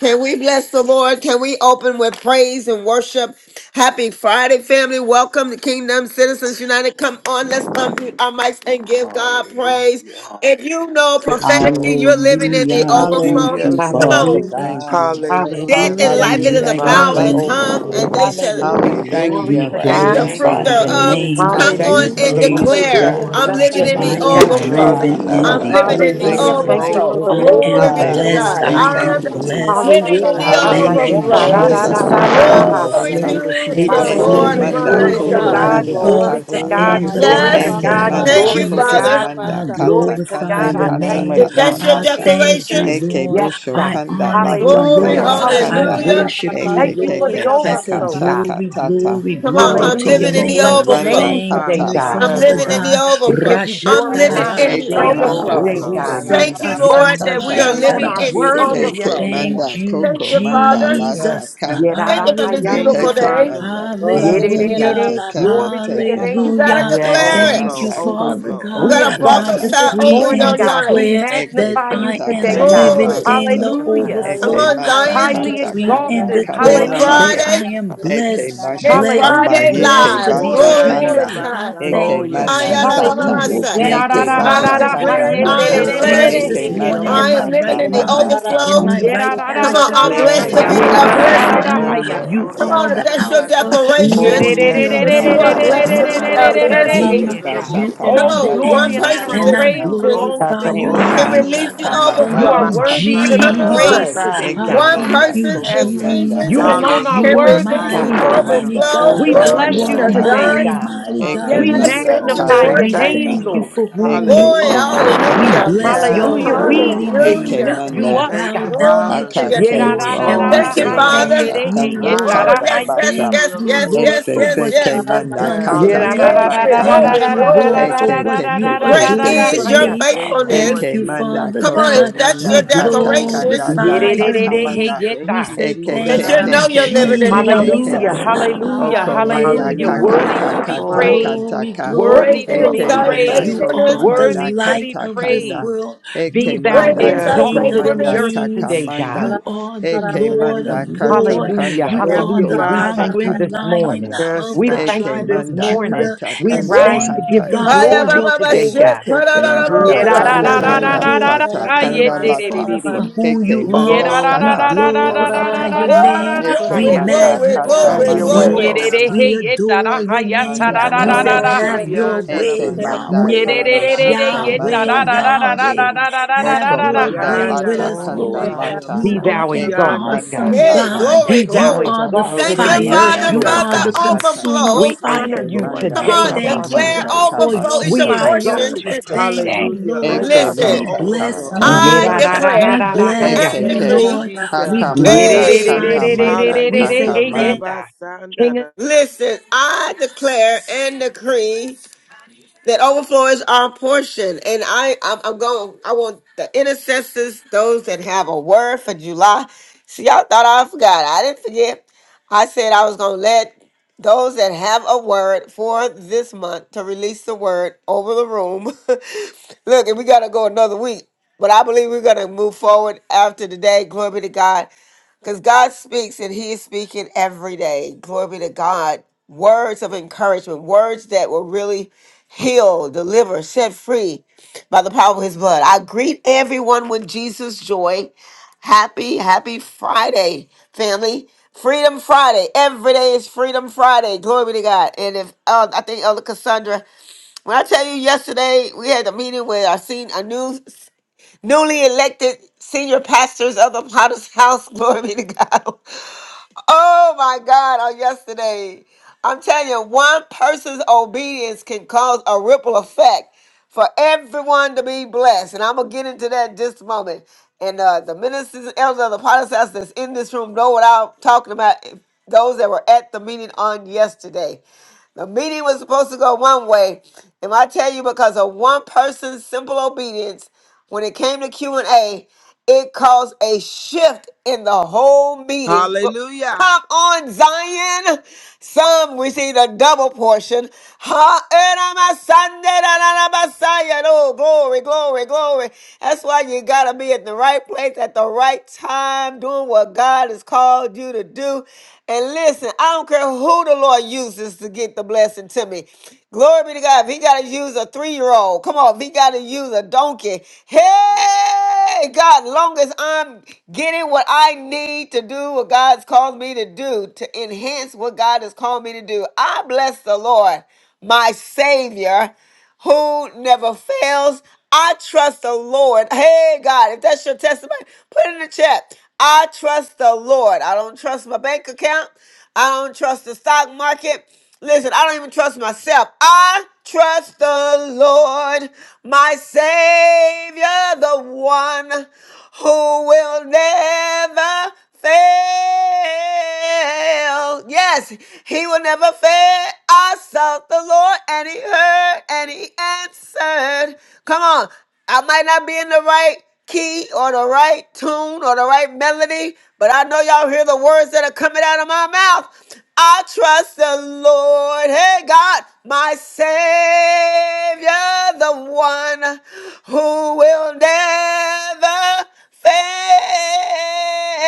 Speaker 1: Can we bless the Lord? Can we open with praise and worship? Happy Friday, family. Welcome to Kingdom Citizens United. Come on, let's unmute our mics and give God praise.
Speaker 2: Hallelujah.
Speaker 1: If you know
Speaker 3: Yes,
Speaker 1: prophetically you're
Speaker 3: Lord.
Speaker 1: living in
Speaker 2: Thank you,
Speaker 1: the
Speaker 4: Hallelujah.
Speaker 2: Lord.
Speaker 3: Oh,
Speaker 4: Thank
Speaker 1: overflow,
Speaker 4: you,
Speaker 3: yes,
Speaker 1: come
Speaker 5: Hallelujah.
Speaker 3: Lord, we
Speaker 4: Father
Speaker 5: Thank
Speaker 6: Hallelujah.
Speaker 1: on.
Speaker 5: you,
Speaker 3: thank
Speaker 4: God
Speaker 3: you.
Speaker 5: Jesus.
Speaker 1: Death
Speaker 7: Hallelujah.
Speaker 1: and
Speaker 3: Father,
Speaker 6: Hallelujah.
Speaker 4: are
Speaker 7: Thank
Speaker 1: life
Speaker 3: we
Speaker 1: is
Speaker 7: you,
Speaker 1: in the
Speaker 3: thank
Speaker 5: Hallelujah.
Speaker 4: living
Speaker 3: you
Speaker 1: power of
Speaker 3: for
Speaker 7: Father.
Speaker 1: the
Speaker 5: Thank
Speaker 4: in
Speaker 5: you,
Speaker 6: Hallelujah.
Speaker 4: the
Speaker 1: tongue,
Speaker 5: Lord.
Speaker 1: and
Speaker 3: overflow.
Speaker 1: they shall
Speaker 4: overflow.
Speaker 3: We
Speaker 6: Hallelujah.
Speaker 3: thank you
Speaker 6: Glory
Speaker 3: for
Speaker 4: We
Speaker 5: Hallelujah.
Speaker 6: to
Speaker 3: right
Speaker 1: Eat
Speaker 5: Thank
Speaker 6: God.
Speaker 1: the
Speaker 5: you,
Speaker 3: now,
Speaker 7: Thank
Speaker 1: fruit
Speaker 4: glorify
Speaker 7: you,
Speaker 5: Jesus.
Speaker 4: your
Speaker 3: God.
Speaker 1: thereof.
Speaker 8: Glory
Speaker 7: Father.
Speaker 8: to the
Speaker 4: name.
Speaker 3: We
Speaker 1: Come
Speaker 9: Hallelujah.
Speaker 3: thank
Speaker 8: Lord
Speaker 1: on
Speaker 4: We
Speaker 3: you for
Speaker 6: Hallelujah.
Speaker 1: and
Speaker 3: the
Speaker 8: Jesus.
Speaker 5: Hallelujah.
Speaker 3: move
Speaker 4: praise
Speaker 8: Bless
Speaker 4: you,
Speaker 8: your
Speaker 3: of
Speaker 1: declare,
Speaker 6: Hallelujah.
Speaker 3: God.
Speaker 8: name,
Speaker 4: Lord.
Speaker 1: I'm
Speaker 9: Lord,
Speaker 6: Bless
Speaker 8: God. Your
Speaker 1: living
Speaker 6: your
Speaker 1: in
Speaker 9: Abba,
Speaker 1: the
Speaker 4: I
Speaker 5: Thank
Speaker 6: name,
Speaker 5: you.
Speaker 3: Oh,
Speaker 8: word
Speaker 4: am
Speaker 8: to
Speaker 6: God.
Speaker 1: overflow.
Speaker 8: God.
Speaker 4: living
Speaker 5: Hallelujah.
Speaker 4: in
Speaker 7: Hallelujah.
Speaker 1: I'm
Speaker 4: the
Speaker 7: I'm
Speaker 9: yes,
Speaker 5: Thank
Speaker 1: living
Speaker 8: Your
Speaker 5: you.
Speaker 1: in
Speaker 7: living
Speaker 1: the
Speaker 9: Lord,
Speaker 5: Thank
Speaker 7: in
Speaker 8: word
Speaker 6: Hallelujah.
Speaker 5: you.
Speaker 7: the
Speaker 8: to
Speaker 6: Thank
Speaker 4: overflow.
Speaker 9: thank you,
Speaker 6: you
Speaker 3: shatanarabasiere.
Speaker 5: Thank you.
Speaker 6: for
Speaker 8: your
Speaker 1: overflow.
Speaker 6: the
Speaker 9: Lord.
Speaker 4: I
Speaker 7: overflow.
Speaker 9: I'm
Speaker 8: word to
Speaker 3: Oh,
Speaker 1: Glory
Speaker 4: am
Speaker 9: living in
Speaker 1: be
Speaker 8: God
Speaker 6: overflow,
Speaker 8: in
Speaker 9: the
Speaker 1: to
Speaker 3: God,
Speaker 8: the
Speaker 3: we
Speaker 8: name
Speaker 6: God.
Speaker 4: blessed.
Speaker 1: God.
Speaker 8: of
Speaker 5: Hallelujah.
Speaker 3: say
Speaker 4: I
Speaker 9: overflow.
Speaker 1: I'm
Speaker 5: Thank
Speaker 4: am
Speaker 3: thank
Speaker 8: Jesus.
Speaker 5: you,
Speaker 8: Your
Speaker 3: you.
Speaker 9: Hiya,
Speaker 5: Jesus.
Speaker 9: ba,
Speaker 4: blessed.
Speaker 9: ba,
Speaker 6: Hallelujah.
Speaker 1: living in
Speaker 9: ba,
Speaker 8: word
Speaker 4: I
Speaker 1: the
Speaker 9: ba,
Speaker 8: in the
Speaker 3: Give
Speaker 6: Ta-ra,
Speaker 9: ba,
Speaker 8: name
Speaker 9: da,
Speaker 3: your
Speaker 6: ma
Speaker 8: of
Speaker 4: thank
Speaker 6: ya
Speaker 4: you,
Speaker 3: name
Speaker 9: da, da,
Speaker 8: Jesus.
Speaker 5: Hallelujah.
Speaker 9: da.
Speaker 6: ta-ra,
Speaker 8: I'm
Speaker 1: overflow.
Speaker 3: praise,
Speaker 8: living
Speaker 6: ra-ra,
Speaker 4: Jesus,
Speaker 8: in
Speaker 4: for
Speaker 3: glory,
Speaker 8: the
Speaker 3: and
Speaker 4: the
Speaker 6: ra-ra,
Speaker 5: Hashakanda
Speaker 6: da
Speaker 3: honor.
Speaker 6: ha
Speaker 8: overflow in
Speaker 1: Glory
Speaker 8: the
Speaker 5: Lasata.
Speaker 4: overflow.
Speaker 8: name of
Speaker 1: to
Speaker 4: It
Speaker 3: In
Speaker 8: Jesus.
Speaker 3: the
Speaker 4: is
Speaker 1: the
Speaker 8: God.
Speaker 5: Heke
Speaker 3: mighty
Speaker 6: Hallelujah.
Speaker 9: Glory,
Speaker 1: Lord
Speaker 4: flowing
Speaker 3: name
Speaker 5: manda
Speaker 3: of
Speaker 8: Your
Speaker 1: my
Speaker 6: Glory to
Speaker 4: over
Speaker 9: glory,
Speaker 5: koko
Speaker 4: and
Speaker 1: God.
Speaker 6: God.
Speaker 8: word to
Speaker 5: manda
Speaker 3: Jesus,
Speaker 8: God.
Speaker 9: glory.
Speaker 8: Your
Speaker 4: above
Speaker 6: Glory to
Speaker 5: kata
Speaker 6: God.
Speaker 8: word
Speaker 5: ta.
Speaker 3: we
Speaker 4: in
Speaker 8: to
Speaker 4: the
Speaker 9: Hiya,
Speaker 3: say
Speaker 6: Glory
Speaker 9: ba,
Speaker 6: to
Speaker 4: mighty
Speaker 1: Yes.
Speaker 9: ba,
Speaker 3: thank
Speaker 5: Heke
Speaker 9: ba,
Speaker 3: you,
Speaker 6: God.
Speaker 4: name
Speaker 9: ba, da,
Speaker 4: of
Speaker 3: Lord.
Speaker 5: manda
Speaker 1: Thank
Speaker 9: da,
Speaker 8: Jesus.
Speaker 9: da, da,
Speaker 6: Glory
Speaker 1: you,
Speaker 6: to
Speaker 9: da,
Speaker 5: koko
Speaker 4: Jesus.
Speaker 9: da,
Speaker 1: Father.
Speaker 6: God.
Speaker 9: da, ba,
Speaker 4: I
Speaker 5: manda
Speaker 9: sa, sa.
Speaker 6: Glory
Speaker 5: kata
Speaker 6: to
Speaker 4: glorify
Speaker 6: God.
Speaker 5: kanda
Speaker 3: In
Speaker 4: your
Speaker 6: I
Speaker 3: the
Speaker 5: kata
Speaker 6: thank
Speaker 3: name of
Speaker 4: name.
Speaker 6: you,
Speaker 1: If
Speaker 6: God.
Speaker 5: kanda
Speaker 1: that's your
Speaker 4: I
Speaker 3: Jesus,
Speaker 9: Thank
Speaker 3: we
Speaker 5: lata.
Speaker 9: you,
Speaker 3: say
Speaker 4: thank you,
Speaker 1: declaration,
Speaker 9: thank
Speaker 3: thank
Speaker 9: you,
Speaker 3: you.
Speaker 5: Heke
Speaker 4: Lord.
Speaker 6: Yes,
Speaker 9: thank
Speaker 5: bosho
Speaker 9: you.
Speaker 4: I
Speaker 6: God.
Speaker 5: kanda
Speaker 4: honor you,
Speaker 5: lata
Speaker 9: Hiya,
Speaker 3: Oh,
Speaker 1: glory,
Speaker 9: ba,
Speaker 6: Hallelujah.
Speaker 9: ba,
Speaker 4: Lord.
Speaker 5: kanda
Speaker 3: Rabbi,
Speaker 9: ba, ba,
Speaker 4: I
Speaker 9: da,
Speaker 5: kanda.
Speaker 9: da, da,
Speaker 6: Hallelujah.
Speaker 1: hallelujah.
Speaker 9: da, da,
Speaker 4: worship
Speaker 9: ba,
Speaker 4: you,
Speaker 5: Heke
Speaker 6: Thank
Speaker 9: sa,
Speaker 6: you for
Speaker 9: sa,
Speaker 4: Lord.
Speaker 6: the
Speaker 5: keke
Speaker 9: ya,
Speaker 4: I
Speaker 9: ba,
Speaker 4: say
Speaker 9: ba,
Speaker 5: keka
Speaker 6: overflow,
Speaker 9: ba,
Speaker 6: God.
Speaker 5: shaka
Speaker 4: glory,
Speaker 5: tata.
Speaker 4: glory,
Speaker 1: Come on,
Speaker 4: glory
Speaker 1: I'm
Speaker 4: to
Speaker 5: Oko
Speaker 6: Hallelujah.
Speaker 4: your
Speaker 1: living in
Speaker 6: We
Speaker 1: the
Speaker 6: bless
Speaker 5: koko
Speaker 4: name.
Speaker 6: your
Speaker 3: Yes.
Speaker 7: Thank
Speaker 5: manda
Speaker 1: overflow.
Speaker 7: you,
Speaker 6: name
Speaker 4: Thank
Speaker 5: kata
Speaker 6: today,
Speaker 7: Father.
Speaker 4: you,
Speaker 6: God.
Speaker 1: I'm
Speaker 7: Thank
Speaker 5: manda
Speaker 7: you,
Speaker 4: Father
Speaker 3: Yes,
Speaker 1: living
Speaker 7: Lord.
Speaker 1: in the
Speaker 3: God.
Speaker 5: kata.
Speaker 4: God.
Speaker 6: We give
Speaker 1: overflow.
Speaker 6: you
Speaker 4: Rasha
Speaker 9: da, da,
Speaker 1: I'm
Speaker 6: glory
Speaker 7: I'm
Speaker 6: and
Speaker 3: Oh,
Speaker 9: da, ba,
Speaker 1: living
Speaker 9: sa, sa, sa, da, da, da, ba,
Speaker 6: honor
Speaker 7: living
Speaker 9: sa,
Speaker 1: in
Speaker 6: and
Speaker 3: shut
Speaker 1: the
Speaker 9: sa,
Speaker 7: in
Speaker 9: da,
Speaker 7: the
Speaker 5: Heke
Speaker 9: da,
Speaker 3: down
Speaker 4: tarabasheya,
Speaker 9: da,
Speaker 6: praise
Speaker 3: out of
Speaker 1: overflow.
Speaker 5: manda
Speaker 3: my
Speaker 6: today,
Speaker 7: overflow.
Speaker 5: koko
Speaker 6: God.
Speaker 3: Kere
Speaker 4: obose
Speaker 1: Thank
Speaker 5: manda
Speaker 1: you,
Speaker 9: ba.
Speaker 3: basia.
Speaker 6: Worthy,
Speaker 1: Lord,
Speaker 5: kata
Speaker 1: that
Speaker 5: ta.
Speaker 1: we
Speaker 6: you
Speaker 1: are
Speaker 4: hasambasha
Speaker 7: Thank
Speaker 6: alone
Speaker 1: living
Speaker 7: you,
Speaker 6: are
Speaker 1: in the
Speaker 6: worthy,
Speaker 4: tarabase.
Speaker 7: Jesus.
Speaker 6: yes,
Speaker 5: Heke
Speaker 1: overflow.
Speaker 6: Lord.
Speaker 4: Thank
Speaker 5: manda
Speaker 4: you,
Speaker 1: Thank
Speaker 5: koko
Speaker 1: you,
Speaker 5: manda
Speaker 1: Father.
Speaker 5: lasha
Speaker 3: Yes,
Speaker 4: Jesus.
Speaker 3: God.
Speaker 5: kanda.
Speaker 1: Thank you for this
Speaker 7: Thank
Speaker 6: Yedadahayata.
Speaker 7: you,
Speaker 1: beautiful
Speaker 4: Hallelujah.
Speaker 5: Heke
Speaker 1: day.
Speaker 7: Father.
Speaker 5: manda,
Speaker 9: Ora, da, da, da, da, da,
Speaker 4: Hallelujah.
Speaker 6: Yedededede.
Speaker 5: atakata
Speaker 9: ba, da, da,
Speaker 5: kama
Speaker 6: Glory
Speaker 9: da,
Speaker 6: to
Speaker 9: da,
Speaker 6: your
Speaker 9: da,
Speaker 5: teke.
Speaker 1: You
Speaker 9: ba.
Speaker 6: name,
Speaker 1: gotta
Speaker 6: God.
Speaker 4: Hallelujah.
Speaker 5: Heke
Speaker 1: declare it.
Speaker 4: Thank
Speaker 7: Overflow,
Speaker 4: you,
Speaker 5: manda
Speaker 3: Yes.
Speaker 4: Father
Speaker 5: koko
Speaker 7: overflow,
Speaker 1: You
Speaker 6: We
Speaker 4: God.
Speaker 1: gotta
Speaker 5: kona
Speaker 3: Yes,
Speaker 6: exalt
Speaker 4: I
Speaker 7: overflow.
Speaker 5: lata
Speaker 6: you
Speaker 3: God.
Speaker 6: this
Speaker 1: prophesy
Speaker 4: decree
Speaker 5: kanda
Speaker 1: over
Speaker 6: morning,
Speaker 4: and
Speaker 1: your
Speaker 6: God.
Speaker 5: lata.
Speaker 6: We
Speaker 1: life.
Speaker 4: declare
Speaker 5: Heke
Speaker 4: that
Speaker 6: magnify you
Speaker 4: I
Speaker 5: kenta
Speaker 6: today,
Speaker 4: am
Speaker 7: Thank you,
Speaker 6: God.
Speaker 3: Somebody
Speaker 4: living
Speaker 5: kakata
Speaker 3: is
Speaker 1: Glory.
Speaker 7: Father.
Speaker 3: tonight.
Speaker 4: in
Speaker 5: kata.
Speaker 4: the
Speaker 3: Yes. God.
Speaker 6: Hallelujah.
Speaker 3: Yes.
Speaker 1: Come
Speaker 9: Aya
Speaker 4: overflow.
Speaker 5: Heke
Speaker 1: on,
Speaker 9: baba
Speaker 5: manta
Speaker 9: baba
Speaker 4: I
Speaker 1: Zion.
Speaker 9: da da
Speaker 6: Highly
Speaker 9: da
Speaker 5: kata
Speaker 9: da
Speaker 4: decree
Speaker 9: da da
Speaker 4: and
Speaker 5: kanda
Speaker 6: exalted.
Speaker 1: It's
Speaker 4: declare
Speaker 3: All
Speaker 5: kata
Speaker 3: about
Speaker 4: that
Speaker 5: kana.
Speaker 6: Hallelujah.
Speaker 1: Friday.
Speaker 4: I
Speaker 3: something
Speaker 4: am
Speaker 3: about
Speaker 5: Heke
Speaker 4: blessed
Speaker 3: yourself.
Speaker 5: basho
Speaker 1: It's
Speaker 4: Blessed,
Speaker 5: kamba
Speaker 6: Hallelujah.
Speaker 1: Friday
Speaker 4: blessed
Speaker 6: Glory,
Speaker 5: yeke
Speaker 4: to
Speaker 1: live.
Speaker 4: be
Speaker 5: basha
Speaker 6: glory,
Speaker 1: Glory be
Speaker 7: Orianda
Speaker 4: stressed.
Speaker 1: to
Speaker 5: kanda.
Speaker 6: glory.
Speaker 4: I
Speaker 1: God.
Speaker 7: rabasanda
Speaker 3: Oh,
Speaker 5: Heke
Speaker 4: thank you,
Speaker 3: yes,
Speaker 5: mana
Speaker 7: rabashi.
Speaker 3: Lord.
Speaker 4: Jesus. You
Speaker 5: sata.
Speaker 6: Hallelujah.
Speaker 4: woke me
Speaker 1: Ayalalalasa.
Speaker 7: Thank
Speaker 4: up
Speaker 7: you,
Speaker 5: Heke
Speaker 4: this
Speaker 7: Father.
Speaker 1: I'm
Speaker 5: basha
Speaker 4: morning.
Speaker 6: Yedadadadadada,
Speaker 7: Robo
Speaker 5: kanda
Speaker 1: declaring
Speaker 4: You
Speaker 1: I
Speaker 7: sianda
Speaker 3: Oh,
Speaker 5: lata.
Speaker 1: am
Speaker 4: woke me up
Speaker 6: hayeterererere,
Speaker 1: blessed.
Speaker 4: this
Speaker 5: Heke
Speaker 3: security
Speaker 7: rabasete
Speaker 3: by
Speaker 4: morning
Speaker 5: manda
Speaker 6: heyeta.
Speaker 4: in
Speaker 1: I
Speaker 4: my
Speaker 1: am
Speaker 7: yoboshi.
Speaker 3: yourself
Speaker 1: living
Speaker 5: kata
Speaker 4: right
Speaker 1: in the
Speaker 3: tomorrow.
Speaker 4: mind,
Speaker 5: manda
Speaker 4: in
Speaker 1: overflow.
Speaker 5: kala
Speaker 4: my right
Speaker 5: shata.
Speaker 1: Come on,
Speaker 4: character.
Speaker 1: I'm
Speaker 6: Yedadadadadada,
Speaker 1: blessed
Speaker 5: Heke
Speaker 4: I
Speaker 1: to
Speaker 3: Yes,
Speaker 1: be
Speaker 3: God.
Speaker 7: Rama
Speaker 1: a
Speaker 5: basha
Speaker 7: mama
Speaker 4: glorify
Speaker 1: blessing.
Speaker 5: kamba
Speaker 7: sanda
Speaker 6: hayatadadadadada,
Speaker 4: you.
Speaker 3: Oh,
Speaker 5: yeke
Speaker 6: hayata.
Speaker 4: You
Speaker 7: rabasori
Speaker 1: Come
Speaker 4: are
Speaker 1: on
Speaker 3: yes.
Speaker 1: and
Speaker 4: the
Speaker 5: basata.
Speaker 1: that's your
Speaker 7: anda
Speaker 4: Alpha. You
Speaker 1: declaration,
Speaker 3: Oh,
Speaker 4: are the
Speaker 3: yes.
Speaker 1: that you are
Speaker 4: Omega.
Speaker 5: Hashakanda
Speaker 3: Lord.
Speaker 1: blessed
Speaker 4: You
Speaker 1: to be
Speaker 5: Bashaka.
Speaker 4: are
Speaker 1: a
Speaker 4: the
Speaker 6: Nyererererererererererererererere,
Speaker 1: blessing.
Speaker 7: Irababasandaramasiti
Speaker 5: Eke
Speaker 7: and
Speaker 4: beginning.
Speaker 7: the
Speaker 6: heyeta.
Speaker 4: You
Speaker 5: Basaka
Speaker 7: yandarabosori.
Speaker 1: Come
Speaker 6: All
Speaker 4: are
Speaker 6: the
Speaker 4: the
Speaker 1: on,
Speaker 5: Mandata
Speaker 1: one
Speaker 6: glory
Speaker 4: end.
Speaker 6: and honor
Speaker 9: da
Speaker 1: person's
Speaker 5: Masi.
Speaker 6: and
Speaker 4: And I
Speaker 6: praise
Speaker 7: Overflow,
Speaker 1: decision
Speaker 6: belongs
Speaker 3: That's
Speaker 4: glorify
Speaker 6: to
Speaker 3: a
Speaker 7: overflow,
Speaker 4: your
Speaker 6: you,
Speaker 5: Eke
Speaker 1: can
Speaker 3: bullshit.
Speaker 6: God.
Speaker 4: name.
Speaker 7: overflow.
Speaker 1: release the
Speaker 5: Nashaka
Speaker 4: I
Speaker 6: You
Speaker 4: thank you
Speaker 6: are
Speaker 1: overflow.
Speaker 5: Mandana
Speaker 4: you,
Speaker 6: worthy
Speaker 5: Kata
Speaker 6: to
Speaker 1: Come
Speaker 6: be
Speaker 5: Manda.
Speaker 3: Oh,
Speaker 6: praised
Speaker 1: on.
Speaker 4: Jesus.
Speaker 3: God.
Speaker 6: today,
Speaker 7: Ramamasandaramasete
Speaker 4: I
Speaker 5: Eke
Speaker 6: God.
Speaker 1: One
Speaker 4: thank
Speaker 7: yandorobo.
Speaker 5: Manda
Speaker 4: you,
Speaker 1: person's
Speaker 3: Have
Speaker 5: Koko Manda
Speaker 1: decision
Speaker 6: You
Speaker 4: Jesus.
Speaker 3: you?
Speaker 6: alone are
Speaker 5: Kavasi.
Speaker 4: You
Speaker 1: can
Speaker 4: are
Speaker 7: Hallelujah,
Speaker 6: worthy,
Speaker 1: release the
Speaker 6: God.
Speaker 4: mighty,
Speaker 5: Hoko
Speaker 7: hallelujah,
Speaker 4: mighty
Speaker 5: Manda
Speaker 1: overflow.
Speaker 3: Oh
Speaker 4: God.
Speaker 6: We
Speaker 5: Koko
Speaker 3: God,
Speaker 1: Glory
Speaker 3: you
Speaker 6: bless
Speaker 5: Manda
Speaker 4: What
Speaker 6: you
Speaker 4: a
Speaker 3: alone
Speaker 1: to
Speaker 3: are
Speaker 7: hallelujah,
Speaker 6: today,
Speaker 5: Kaka.
Speaker 1: God.
Speaker 4: mighty,
Speaker 6: God.
Speaker 3: worthy.
Speaker 4: mighty
Speaker 5: Eke
Speaker 4: God
Speaker 6: We
Speaker 4: we
Speaker 1: Yes,
Speaker 7: hallelujah,
Speaker 5: Manda
Speaker 1: thank
Speaker 4: serve.
Speaker 1: you,
Speaker 3: We
Speaker 6: magnify
Speaker 5: Kana
Speaker 3: say
Speaker 1: Lord.
Speaker 6: your
Speaker 7: overflow.
Speaker 4: We
Speaker 3: thank
Speaker 5: Kana.
Speaker 6: name,
Speaker 3: you,
Speaker 4: thank you
Speaker 6: Lord.
Speaker 3: Lord.
Speaker 4: for who
Speaker 5: Eke
Speaker 4: you
Speaker 1: Glory,
Speaker 7: Hallelujah,
Speaker 4: are.
Speaker 5: Keke
Speaker 4: We
Speaker 9: da
Speaker 1: hallelujah.
Speaker 4: bless
Speaker 5: Mananda.
Speaker 4: your
Speaker 3: Yes,
Speaker 6: Hallelujah! We
Speaker 4: holy
Speaker 7: hallelujah.
Speaker 3: Atabu
Speaker 4: name.
Speaker 5: Eke
Speaker 6: lift
Speaker 1: Hallelujah.
Speaker 3: Shataba.
Speaker 4: We
Speaker 6: you
Speaker 5: Manda.
Speaker 6: up,
Speaker 7: Thank
Speaker 4: bow
Speaker 7: you,
Speaker 6: God.
Speaker 4: down
Speaker 1: Glory
Speaker 7: Father.
Speaker 4: at
Speaker 1: to
Speaker 4: your
Speaker 5: Aka
Speaker 1: your
Speaker 7: Thank
Speaker 6: Yeah
Speaker 5: K
Speaker 7: you,
Speaker 6: da
Speaker 1: name.
Speaker 4: feet
Speaker 5: U
Speaker 6: da
Speaker 7: Lord
Speaker 6: da
Speaker 4: and
Speaker 6: da
Speaker 4: we
Speaker 3: Glory
Speaker 5: R
Speaker 7: Jesus.
Speaker 6: da
Speaker 1: Thank
Speaker 5: I
Speaker 3: to
Speaker 1: you,
Speaker 4: say,
Speaker 3: the
Speaker 6: high.
Speaker 5: A
Speaker 3: Lamb of
Speaker 1: Father.
Speaker 4: Thank
Speaker 5: Hasha
Speaker 3: God.
Speaker 4: you,
Speaker 6: Yeah
Speaker 5: Kanda
Speaker 6: da
Speaker 1: Oh,
Speaker 6: da
Speaker 3: Yes,
Speaker 4: Lord.
Speaker 5: Kanda
Speaker 6: high.
Speaker 1: yes,
Speaker 3: Lord.
Speaker 1: yes,
Speaker 5: Bacha
Speaker 7: Mandaramasete
Speaker 4: Thank
Speaker 1: yes,
Speaker 4: you,
Speaker 1: yes,
Speaker 4: Lord,
Speaker 7: yoroboso.
Speaker 1: yes,
Speaker 5: Hese
Speaker 4: for
Speaker 1: yes,
Speaker 4: what
Speaker 5: Seke
Speaker 4: you
Speaker 1: yes.
Speaker 4: have
Speaker 5: Manda
Speaker 4: done for
Speaker 3: Yes,
Speaker 5: Kata
Speaker 3: God.
Speaker 6: Yeah da
Speaker 4: me.
Speaker 6: da
Speaker 7: Hallelujah.
Speaker 6: da
Speaker 1: Glory,
Speaker 6: da
Speaker 7: Thank
Speaker 6: da
Speaker 7: you,
Speaker 6: da
Speaker 3: We
Speaker 5: Kamantaka
Speaker 4: Thank
Speaker 1: glory,
Speaker 4: you,
Speaker 7: Lord.
Speaker 6: da
Speaker 3: say
Speaker 6: da da
Speaker 4: Lord,
Speaker 3: thank
Speaker 1: glory.
Speaker 4: for
Speaker 6: da
Speaker 3: you.
Speaker 5: Eke
Speaker 4: what you
Speaker 5: Keke
Speaker 4: are
Speaker 6: da da
Speaker 1: Great
Speaker 6: da
Speaker 5: Keke
Speaker 4: doing
Speaker 6: da
Speaker 4: for
Speaker 1: is
Speaker 6: high.
Speaker 1: your
Speaker 6: Yeah
Speaker 5: Keke
Speaker 4: me.
Speaker 7: Thank
Speaker 3: All
Speaker 7: you,
Speaker 3: right.
Speaker 7: Lord
Speaker 1: faithfulness.
Speaker 4: Thank
Speaker 5: Eke
Speaker 4: you,
Speaker 5: Mana
Speaker 7: Jesus.
Speaker 4: Father
Speaker 1: Come on,
Speaker 5: Koko
Speaker 1: if
Speaker 4: God.
Speaker 3: Oh,
Speaker 1: that's
Speaker 4: We
Speaker 1: your
Speaker 5: Mana Kata
Speaker 3: Shataraba, you
Speaker 1: declaration,
Speaker 5: Kanda
Speaker 3: say
Speaker 6: da
Speaker 4: glorify
Speaker 3: that's
Speaker 6: da
Speaker 5: Nanta
Speaker 6: da
Speaker 3: it.
Speaker 4: your
Speaker 6: da da
Speaker 4: name.
Speaker 5: Kamana
Speaker 6: da
Speaker 7: Thank
Speaker 4: We
Speaker 6: high.
Speaker 7: you,
Speaker 4: say
Speaker 3: Oh,
Speaker 5: Eke
Speaker 1: that
Speaker 7: Jesus.
Speaker 4: thank
Speaker 1: you
Speaker 5: Keke
Speaker 4: you,
Speaker 1: know you're
Speaker 3: Shanaraba,
Speaker 5: Keke
Speaker 1: living in
Speaker 3: say
Speaker 1: the
Speaker 3: it.
Speaker 5: Keke
Speaker 6: Hallelujah!
Speaker 1: overflow.
Speaker 4: Jesus.
Speaker 5: Keke
Speaker 6: Hallelujah!
Speaker 5: Hoko Mana
Speaker 6: Hallelujah!
Speaker 7: Hallelujah.
Speaker 6: Worthy
Speaker 5: Kakata
Speaker 7: Thank
Speaker 6: to
Speaker 4: Hallelujah.
Speaker 7: you,
Speaker 6: be
Speaker 5: Kata
Speaker 7: Father.
Speaker 6: praised.
Speaker 5: Kata
Speaker 4: Glory,
Speaker 5: Ka
Speaker 3: Oh,
Speaker 1: Great
Speaker 6: Worthy
Speaker 4: glory,
Speaker 6: to
Speaker 7: Overflow,
Speaker 4: glory
Speaker 1: is
Speaker 6: be
Speaker 5: Eke
Speaker 3: Baba,
Speaker 4: glory.
Speaker 1: thy
Speaker 3: you
Speaker 7: overflow.
Speaker 5: Mana
Speaker 6: praised.
Speaker 4: You
Speaker 9: da.
Speaker 5: Koko
Speaker 1: faithfulness.
Speaker 4: are the
Speaker 9: Oh,
Speaker 5: Mana
Speaker 6: Worthy to
Speaker 4: light
Speaker 6: be
Speaker 5: Kata
Speaker 4: of this
Speaker 5: Kanda
Speaker 6: praised.
Speaker 4: world.
Speaker 6: Be
Speaker 5: Eke
Speaker 4: You
Speaker 6: thou
Speaker 4: are
Speaker 1: Great
Speaker 4: the
Speaker 5: manda
Speaker 7: Thank
Speaker 1: is
Speaker 7: you,
Speaker 1: thy
Speaker 3: Yes.
Speaker 5: koko
Speaker 4: King
Speaker 6: exalted
Speaker 4: of
Speaker 7: Jesus.
Speaker 6: in the
Speaker 5: manda
Speaker 6: earth
Speaker 1: faithfulness.
Speaker 5: kaka
Speaker 4: kings.
Speaker 6: today, God.
Speaker 5: manda.
Speaker 4: You are the
Speaker 9: Alabara,
Speaker 5: Eke
Speaker 4: Lord
Speaker 9: bless,
Speaker 4: of
Speaker 5: manda kata
Speaker 4: lords.
Speaker 3: Mhm.
Speaker 9: bless.
Speaker 6: Hallelujah!
Speaker 5: kanda
Speaker 4: You
Speaker 9: Haya
Speaker 7: Thank
Speaker 4: are
Speaker 7: you,
Speaker 5: koko
Speaker 9: baba
Speaker 6: Hallelujah!
Speaker 4: the
Speaker 6: We
Speaker 9: baba
Speaker 5: manda
Speaker 7: Father.
Speaker 6: thank you
Speaker 4: conquering
Speaker 6: this
Speaker 5: kata
Speaker 4: lion
Speaker 6: morning.
Speaker 5: kanda.
Speaker 3: Yes,
Speaker 4: of
Speaker 6: We
Speaker 4: the
Speaker 3: God.
Speaker 6: thank
Speaker 5: Eke
Speaker 6: you
Speaker 4: tribe
Speaker 6: this
Speaker 4: of
Speaker 5: manda
Speaker 6: morning.
Speaker 4: Judah.
Speaker 5: kata
Speaker 6: We
Speaker 4: And
Speaker 1: Woo!
Speaker 3: This
Speaker 5: kanda
Speaker 6: rise to
Speaker 4: thank
Speaker 3: morning.
Speaker 6: give
Speaker 4: you,
Speaker 5: kata
Speaker 6: you
Speaker 4: God,
Speaker 5: kanda.
Speaker 4: for
Speaker 1: Hiya, ba,
Speaker 6: glory
Speaker 4: your
Speaker 1: ba, ba,
Speaker 6: today,
Speaker 4: pour.
Speaker 5: Eke
Speaker 1: shit.
Speaker 6: God.
Speaker 1: Ba, da,
Speaker 5: keke
Speaker 1: da,
Speaker 4: Thank
Speaker 1: da,
Speaker 4: you,
Speaker 5: manda
Speaker 1: bo,
Speaker 9: baba
Speaker 4: God,
Speaker 1: Yeah.
Speaker 9: baba
Speaker 3: We
Speaker 5: koko
Speaker 7: Rabasanda
Speaker 4: for
Speaker 9: baba.
Speaker 3: say
Speaker 4: your
Speaker 5: manda
Speaker 3: thank you.
Speaker 4: roar.
Speaker 9: Kekera
Speaker 5: tata
Speaker 7: rabasete de
Speaker 5: kanda
Speaker 4: Thank
Speaker 9: baba
Speaker 4: you,
Speaker 7: rabasa.
Speaker 9: baba
Speaker 5: lata.
Speaker 4: Father,
Speaker 9: baba.
Speaker 4: for who
Speaker 5: Keke
Speaker 4: you are.
Speaker 5: manda
Speaker 3: Oh,
Speaker 4: We
Speaker 5: kaka
Speaker 3: God.
Speaker 5: manda
Speaker 9: Ora
Speaker 4: glorify
Speaker 5: lata.
Speaker 9: baba
Speaker 4: your
Speaker 9: baba.
Speaker 1: Oh,
Speaker 4: name.
Speaker 5: Eke
Speaker 4: We
Speaker 1: glory,
Speaker 9: Kekera
Speaker 5: manda
Speaker 7: Overflow,
Speaker 1: glory,
Speaker 9: kekera
Speaker 5: kata
Speaker 4: magnify
Speaker 3: Have
Speaker 1: glory,
Speaker 4: your
Speaker 3: your
Speaker 7: overflow,
Speaker 5: manda
Speaker 3: way,
Speaker 1: glory.
Speaker 4: name.
Speaker 3: Lord.
Speaker 7: overflow.
Speaker 9: baba.
Speaker 5: kolose.
Speaker 4: We adore your
Speaker 5: Eke
Speaker 4: name.
Speaker 3: In
Speaker 5: manda
Speaker 3: the
Speaker 4: We
Speaker 3: name
Speaker 4: said,
Speaker 3: of
Speaker 9: Ora
Speaker 5: kalashi.
Speaker 4: Have your
Speaker 3: Jesus.
Speaker 7: Yanda
Speaker 5: Eke
Speaker 9: kekera
Speaker 4: way,
Speaker 7: rabase.
Speaker 5: manda
Speaker 9: kekera
Speaker 4: Yahweh,
Speaker 5: kolo
Speaker 3: Oh,
Speaker 9: baba.
Speaker 5: shike
Speaker 3: God, help
Speaker 4: Yahweh,
Speaker 5: manda
Speaker 4: Yahweh.
Speaker 5: kalashi.
Speaker 3: me.
Speaker 4: Have
Speaker 5: Oko
Speaker 4: your
Speaker 5: manda
Speaker 4: way
Speaker 7: Yanda
Speaker 4: with
Speaker 5: lata
Speaker 9: Kekera
Speaker 4: us,
Speaker 3: Oh,
Speaker 5: kanda
Speaker 4: Lord.
Speaker 7: rabase. ke
Speaker 3: God,
Speaker 5: lata.
Speaker 3: it's
Speaker 4: You
Speaker 6: Be
Speaker 3: a
Speaker 7: Robo
Speaker 9: baba
Speaker 4: are
Speaker 6: Thou
Speaker 3: lot.
Speaker 4: an
Speaker 5: Eke
Speaker 9: baba.
Speaker 7: sianda.
Speaker 6: exalted,
Speaker 5: manda
Speaker 6: God.
Speaker 4: awesome
Speaker 1: Hey,
Speaker 9: Kekera
Speaker 4: God.
Speaker 1: glory,
Speaker 6: Be
Speaker 9: baba.
Speaker 5: kalashata.
Speaker 4: You
Speaker 6: Thou
Speaker 1: glory.
Speaker 4: are the
Speaker 6: exalted
Speaker 1: Thank
Speaker 7: Thank
Speaker 5: Oko
Speaker 6: in
Speaker 3: Rajabasi.
Speaker 1: you,
Speaker 7: you,
Speaker 6: the
Speaker 4: fire.
Speaker 6: earth,
Speaker 5: manda
Speaker 1: Father,
Speaker 4: You
Speaker 6: Lord
Speaker 1: for
Speaker 7: Jesus.
Speaker 4: are
Speaker 1: the
Speaker 5: kata
Speaker 6: God.
Speaker 4: the
Speaker 5: saka,
Speaker 4: consuming
Speaker 1: overflow.
Speaker 6: We honor
Speaker 4: fire,
Speaker 5: Eke
Speaker 6: you
Speaker 4: Lord.
Speaker 1: Come
Speaker 5: manda
Speaker 6: today,
Speaker 1: on,
Speaker 5: koko
Speaker 6: God.
Speaker 4: Thank you,
Speaker 1: declare
Speaker 3: Rajabasi.
Speaker 5: manta
Speaker 4: God, for
Speaker 1: overflow
Speaker 4: your
Speaker 5: kabata
Speaker 1: is your
Speaker 6: We
Speaker 5: kabata
Speaker 6: exalt
Speaker 1: portion.
Speaker 4: fire.
Speaker 6: you
Speaker 5: kabataka.
Speaker 4: Thank
Speaker 6: today.
Speaker 4: you,
Speaker 7: Hallelujah.
Speaker 4: Lord.
Speaker 5: Eke
Speaker 3: Reba
Speaker 7: Overflow,
Speaker 1: Listen,
Speaker 4: We
Speaker 5: manta
Speaker 3: Soko
Speaker 4: bless
Speaker 7: overflow,
Speaker 4: you,
Speaker 9: Alabara
Speaker 5: kamtaka
Speaker 3: Jarata.
Speaker 1: I
Speaker 4: Lord.
Speaker 7: overflow.
Speaker 9: baba
Speaker 5: mataka.
Speaker 4: We
Speaker 1: declare
Speaker 9: kekera
Speaker 4: bless
Speaker 1: and
Speaker 5: Eke
Speaker 4: you,
Speaker 7: Thank
Speaker 5: ke.
Speaker 7: you,
Speaker 9: kekera
Speaker 1: decree.
Speaker 4: Lord. We
Speaker 5: Haka
Speaker 7: Jesus.
Speaker 9: baba.
Speaker 5: manda
Speaker 1: Hey,
Speaker 4: glorify
Speaker 5: kaka
Speaker 3: Yes,
Speaker 4: you. We say
Speaker 7: Hallelujah.
Speaker 5: manda
Speaker 4: thank
Speaker 6: King
Speaker 7: Rabasanda.
Speaker 1: listen, I declare and decree that overflow is our portion. And I, I'm, I'm going, I want the intercessors, those that have a word for July. See, y'all thought I forgot. I didn't forget. I said I was going to let those that have a word for this month to release the word over the room. Look, and we got to go another week. But I believe we're going to move forward after today. Glory be to God. Because God speaks and He is speaking every day. Glory be to God. Words of encouragement, words that will really heal, deliver, set free by the power of His blood. I greet everyone with Jesus' joy. Happy, happy Friday, family. Freedom Friday. Every day is Freedom Friday. Glory be to God. And if uh, I think Elder Cassandra, when I tell you yesterday we had a meeting where I seen a new newly elected senior pastors of the Potter's House. Glory be to God. Oh my God, on yesterday. I'm telling you, one person's obedience can cause a ripple effect for everyone to be blessed. And I'm going to get into that in just a moment. And uh, the ministers and elders of the Protestants that's in this room know what I'm talking about, those that were at the meeting on yesterday. The meeting was supposed to go one way, and I tell you, because of one person's simple obedience, when it came to Q and A, it caused a shift in the whole meeting.
Speaker 7: Hallelujah.
Speaker 1: Come on, Zion. Some receive a double portion. Ha eramasande da Oh, glory, glory, glory. That's why you gotta be at the right place at the right time, doing what God has called you to do. And listen, I don't care who the Lord uses to get the blessing to me. Glory be to God. If he got to use a three year old, come on. If he got to use a donkey, hey, God, long as I'm getting what I need to do, what God's called me to do, to enhance what God has called me to do, I bless the Lord, my Savior who never fails. I trust the Lord. Hey, God, if that's your testimony, put it in the chat. I trust the Lord. I don't trust my bank account. I don't trust the stock market. Listen, I don't even trust myself. I trust the Lord, my Savior, the one who will never fail. Yes, he will never fail. I sought the Lord and he heard and he answered. Come on. I might not be in the right key or the right tune or the right melody, but I know y'all hear the words that are coming out of my mouth. I trust the Lord, hey God, my Savior, the one who will never fail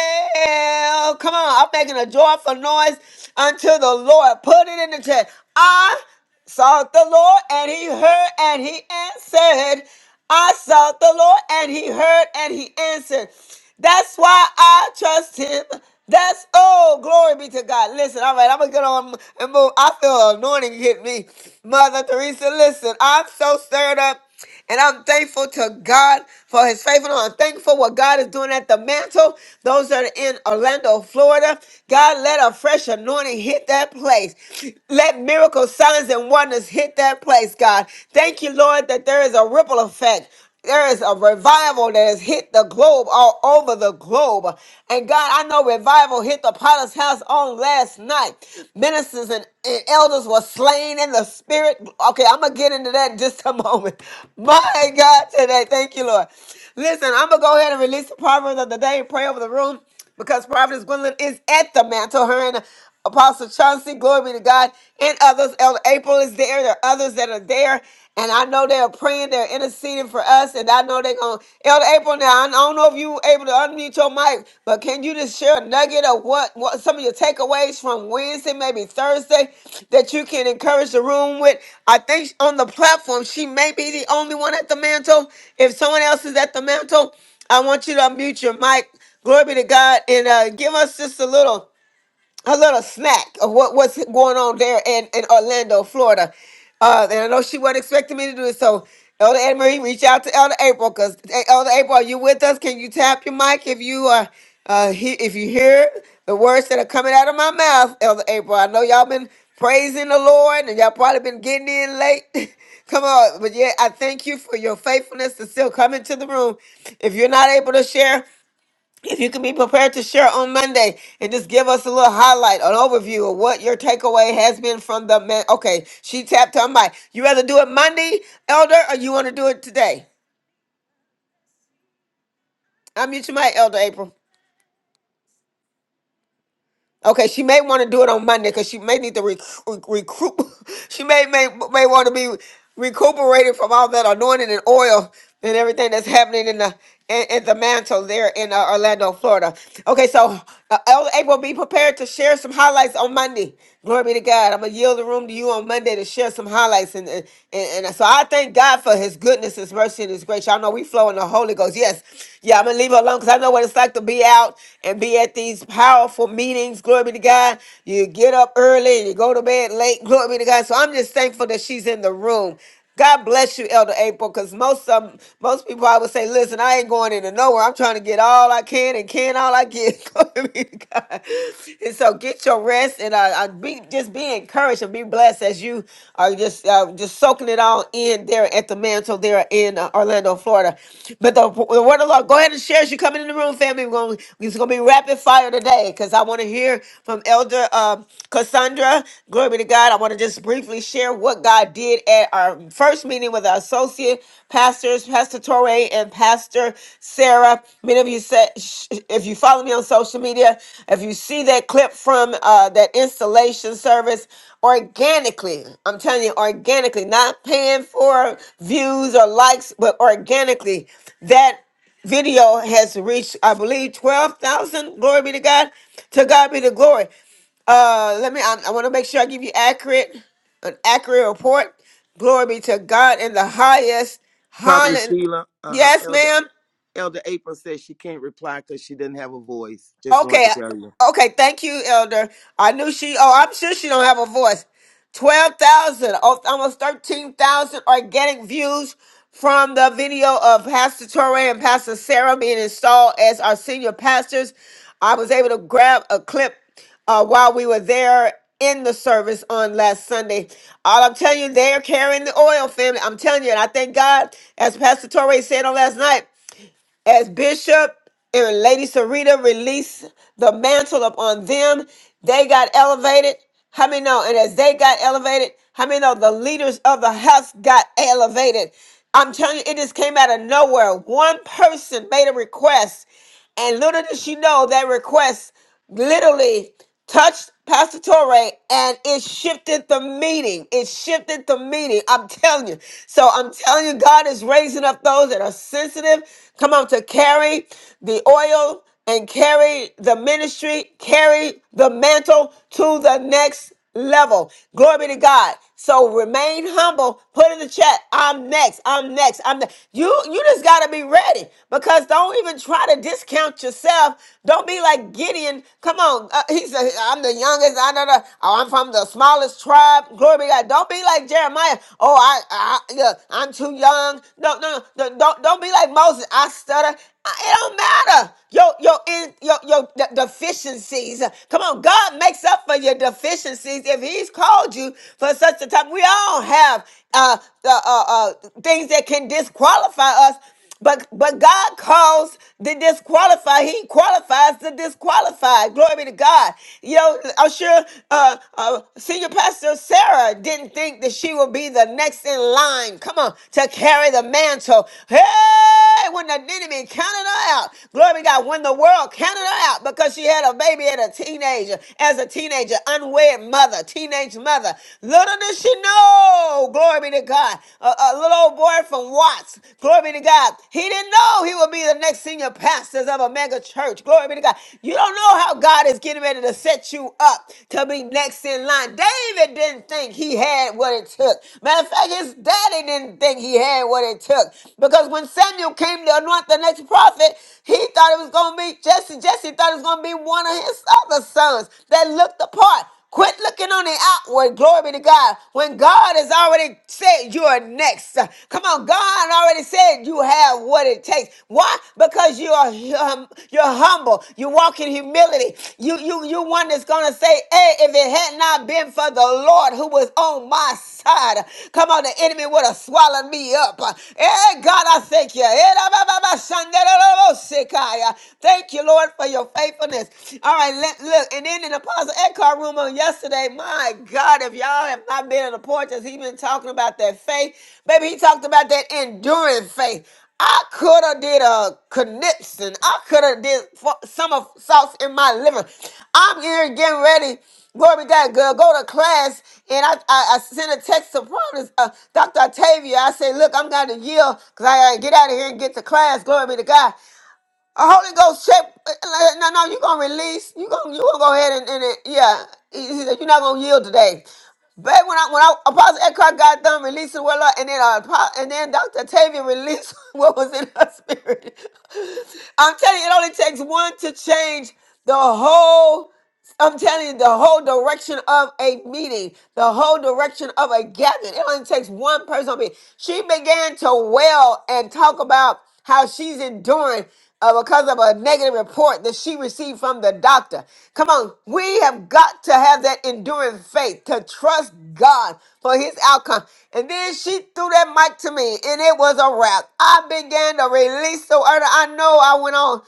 Speaker 1: well. Come on, I'm making a joyful noise unto the Lord. Put it in the chat. I sought the Lord and he heard and he answered. I sought the Lord and he heard and he answered. That's why I trust him. That's oh, glory be to God. Listen, all right, I'm gonna get on and move. I feel anointing hit me. Mother Teresa, listen, I'm so stirred up. And I'm thankful to God for his faithfulness. I'm thankful for what God is doing at the mantle. Those that are in Orlando, Florida, God, let a fresh anointing hit that place. Let miracles, signs, and wonders hit that place, God. Thank you, Lord, that there is a ripple effect. There is a revival that has hit the globe all over the globe. And God, I know revival hit the potter's house on last night. Ministers and, and elders were slain in the spirit. Okay, I'm going to get into that in just a moment. My God, today. Thank you, Lord. Listen, I'm going to go ahead and release the proverb of the day and pray over the room because Providence Gwendolyn is at the mantle. Her and Apostle Chauncey, glory be to God, and others. Elder April is there. There are others that are there. And I know they're praying, they're interceding for us. And I know they're going to, Elder April, now, I don't know if you were able to unmute your mic, but can you just share a nugget of what, what some of your takeaways from Wednesday, maybe Thursday, that you can encourage the room with? I think on the platform, she may be the only one at the mantle. If someone else is at the mantle, I want you to unmute your mic Glory be to God. And uh, give us just a little a little snack of what, what's going on there in, in Orlando, Florida. Uh, and I know she wasn't expecting me to do it, so Elder Anne Marie, reach out to Elder April because Elder April, are you with us? Can you tap your mic if you are uh, he, if you hear the words that are coming out of my mouth, Elder April? I know y'all been praising the Lord and y'all probably been getting in late. Come on, but yeah, I thank you for your faithfulness to still come into the room. If you're not able to share, if you can be prepared to share on Monday and just give us a little highlight, an overview of what your takeaway has been from the man. Okay, she tapped her mic. You rather do it Monday, Elder, or you want to do it today? I'm your mic, Elder April. Okay, she may want to do it on Monday because she may need to rec- rec- recoup. She may may may want to be recuperated from all that anointing and oil and everything that's happening in the in, in the mantle there in uh, Orlando, Florida. Okay, so uh, Elder April, be prepared to share some highlights on Monday. Glory be to God. I'm gonna yield the room to you on Monday to share some highlights and and, and and so I thank God for His goodness, His mercy, and His grace. Y'all know we flow in the Holy Ghost. Yes, yeah. I'm gonna leave her alone because I know what it's like to be out and be at at these powerful meetings. Glory be to God. You get up early and you go to bed late. Glory be to God. So I'm just thankful that she's in the room. God bless you, Elder April, because most um most people I would say, listen, I ain't going into nowhere. I'm trying to get all I can and can all I get. Glory be to God. And so get your rest and uh, uh, be just be encouraged and be blessed as you are just uh, just soaking it all in there at the mantle there in uh, Orlando, Florida. But the, the word of the Lord, go ahead and share as you coming in the room room, family. We're gonna, it's gonna be rapid fire today because I want to hear from Elder um, Cassandra. Glory be to God. I want to just briefly share what God did at our first meeting with our associate pastors, Pastor Torrey and Pastor Sarah. Many of you said, sh- if you follow me on social media, if you see that clip from uh, that installation service, organically. I'm telling you, organically, not paying for views or likes, but organically. That video has reached, I believe, 12,000. Glory be to God. To God be the glory. Uh, let me, I, I want to make sure I give you accurate, an accurate report. Glory be to God in the highest.
Speaker 7: Prophet
Speaker 1: Hallelujah.
Speaker 7: Sheila, uh,
Speaker 1: Yes,
Speaker 7: Elder
Speaker 1: ma'am.
Speaker 7: Elder April says she can't reply because she didn't have a voice. Just wanted
Speaker 1: Okay,
Speaker 7: to tell you.
Speaker 1: uh, okay. Thank you, Elder. I knew she. Oh, I'm sure she don't have a voice. Twelve thousand, oh, almost thirteen thousand organic views from the video of Pastor Torre and Pastor Sarah being installed as our senior pastors. I was able to grab a clip uh, while we were there in the service on last Sunday. All I'm telling you, they're carrying the oil, family. I'm telling you, and I thank God, as Pastor Torre said on last night as Bishop and Lady Sarita released the mantle upon them, they got elevated. How many know? And as they got elevated, how many know the leaders of the house got elevated? I'm telling you, it just came out of nowhere. One person made a request and little did she know that request literally touched Pastor Torre and it shifted the meeting. It shifted the meeting. I'm telling you. So I'm telling you, God is raising up those that are sensitive. Come on to carry the oil and carry the ministry, carry the mantle to the next level. Glory be to God. So remain humble. Put in the chat, I'm next. I'm next. I'm next. You you just gotta be ready because don't even try to discount yourself. Don't be like Gideon. Come on, uh, he said, I'm the youngest. I don't know. Oh, I'm from the smallest tribe. Glory be to God. Don't be like Jeremiah. Oh, I, I yeah, I'm too young. No, no, no. Don't don't be like Moses. I stutter. It don't matter your your in your your de- deficiencies. Come on, God makes up for your deficiencies if He's called you for such a time. We all have uh, uh, uh, uh, things that can disqualify us, but but God calls the disqualified. He qualifies the disqualified. Glory be to God. You know, I'm sure uh, uh, senior pastor Sarah didn't think that that she will be the next in line. Come on, to carry the mantle. Hey, when the enemy counted her out, glory to God, when the world counted her out because she had a baby at a teenager, as a teenager, unwed mother, teenage mother. Little did she know, glory be to God, a, a little old boy from Watts, glory be to God, he didn't know he would be the next senior pastors of a mega church. Glory be to God. You don't don't know how God is getting ready to set you up to be next in line. David didn't think he had what it took. Matter of fact, his daddy didn't think he had what it took. Because when Samuel came to anoint the next prophet, he thought it was going to be Jesse. Jesse thought it was going to be one of his other sons that looked the part. Quit looking on the outward. Glory be to God. When God has already said you are next. Come on, God already said you have what it takes. Why? Because you are hum, you're humble. You walk in humility. You you you one that's gonna say, "Hey, if it had not been for the Lord who was on my side, come on, the enemy would have swallowed me up." Hey, God, I thank you. Thank you, Lord, for your faithfulness goodness. All right, let, look. And then in the Apostle Eckhart room on yesterday, my God, if y'all have not been in the porch, as he been talking about that faith, baby, he talked about that enduring faith. I could have did a conniption. I could have did fu- some of sauce in my liver. I'm here getting ready. Glory be to God. Go go to class, and I, I, I sent a text to Providence, uh, Dr. Octavia. I said, look, I'm going to yield because I got to get out of here and get to class. Glory be to God. A Holy Ghost check. eh, like, No, no, you're gonna release. You're gonna you are going to release you going to you going to go ahead and, and it, yeah. He, he said you're not gonna yield today. But when I when I Apostle Eckhart got done releasing what Lord, and then uh, Apo- and then Dr. Tavia released what was in her spirit. I'm telling you, it only takes one to change the whole. I'm telling you, the whole direction of a meeting, the whole direction of a gathering. It only takes one person. to be. She began to wail and talk about how she's enduring uh, because of a negative report that she received from the doctor. Come on, we have got to have that enduring faith to trust God for his outcome. And then she threw that mic to me, and it was a wrap. I began to release the order. I know I went on.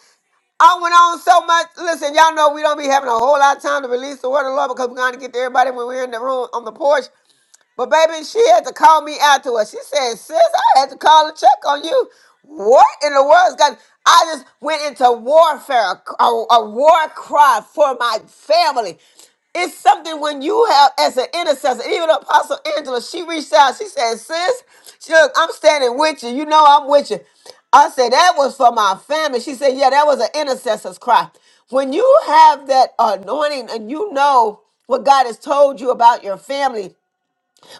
Speaker 1: I went on so much. Listen, y'all know we don't be having a whole lot of time to release the word of the Lord because we're going to get to everybody when we're in the room on the porch. But baby, she had to call me out to her. She said, sis, I had to call and check on you. What in the world's got I just went into warfare, a, a war cry for my family. It's something when you have as an intercessor, even Apostle Angela, she reached out, she said, sis, she look, I'm standing with you. You know I'm with you. I said, that was for my family. She said, yeah, that was an intercessor's cry. When you have that anointing and you know what God has told you about your family,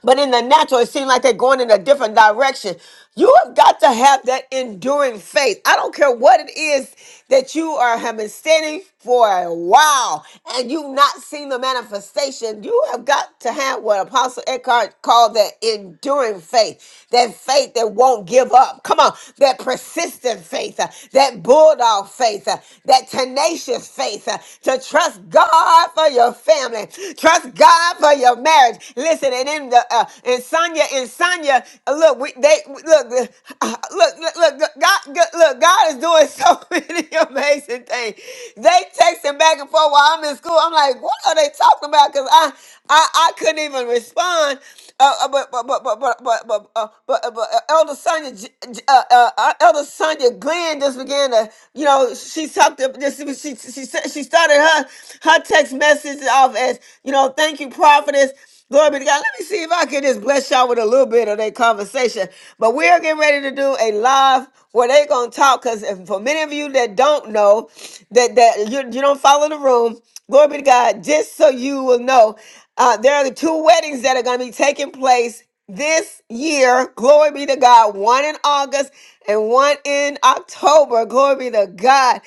Speaker 1: but in the natural, it seems like they're going in a different direction. You have got to have that enduring faith. I don't care what it is that you are have been standing for a while and you've not seen the manifestation. You have got to have what Apostle Eckhart called that enduring faith, that faith that won't give up. Come on, that persistent faith, uh, that bulldog faith, uh, that tenacious faith uh, to trust God for your family, trust God for your marriage. Listen, and in the uh, and Sonya and Sonya, uh, look, we they look, uh, uh, look, look, look, God, God- look, look, God is doing so many amazing things. They texting back and forth while I'm in school. I'm like, what are they talking about? Because I, I, I couldn't even respond. Uh, uh, but but but but but but but, uh, but, uh, but uh, Elder Sonya J- J- uh, uh, uh, Elder Sonya Glenn just began to, you know, she talked. to- Just she she she started her her text message off as, you know, thank you, prophetess. Glory be to God. Let me see if I can just bless y'all with a little bit of that conversation. But we're getting ready to do a live where they are gonna talk. Cause for many of you that don't know, that that you, you don't follow the room, glory be to God. Just so you will know, uh, there are the two weddings that are gonna be taking place this year. Glory be to God. One in August and one in October. Glory be to God.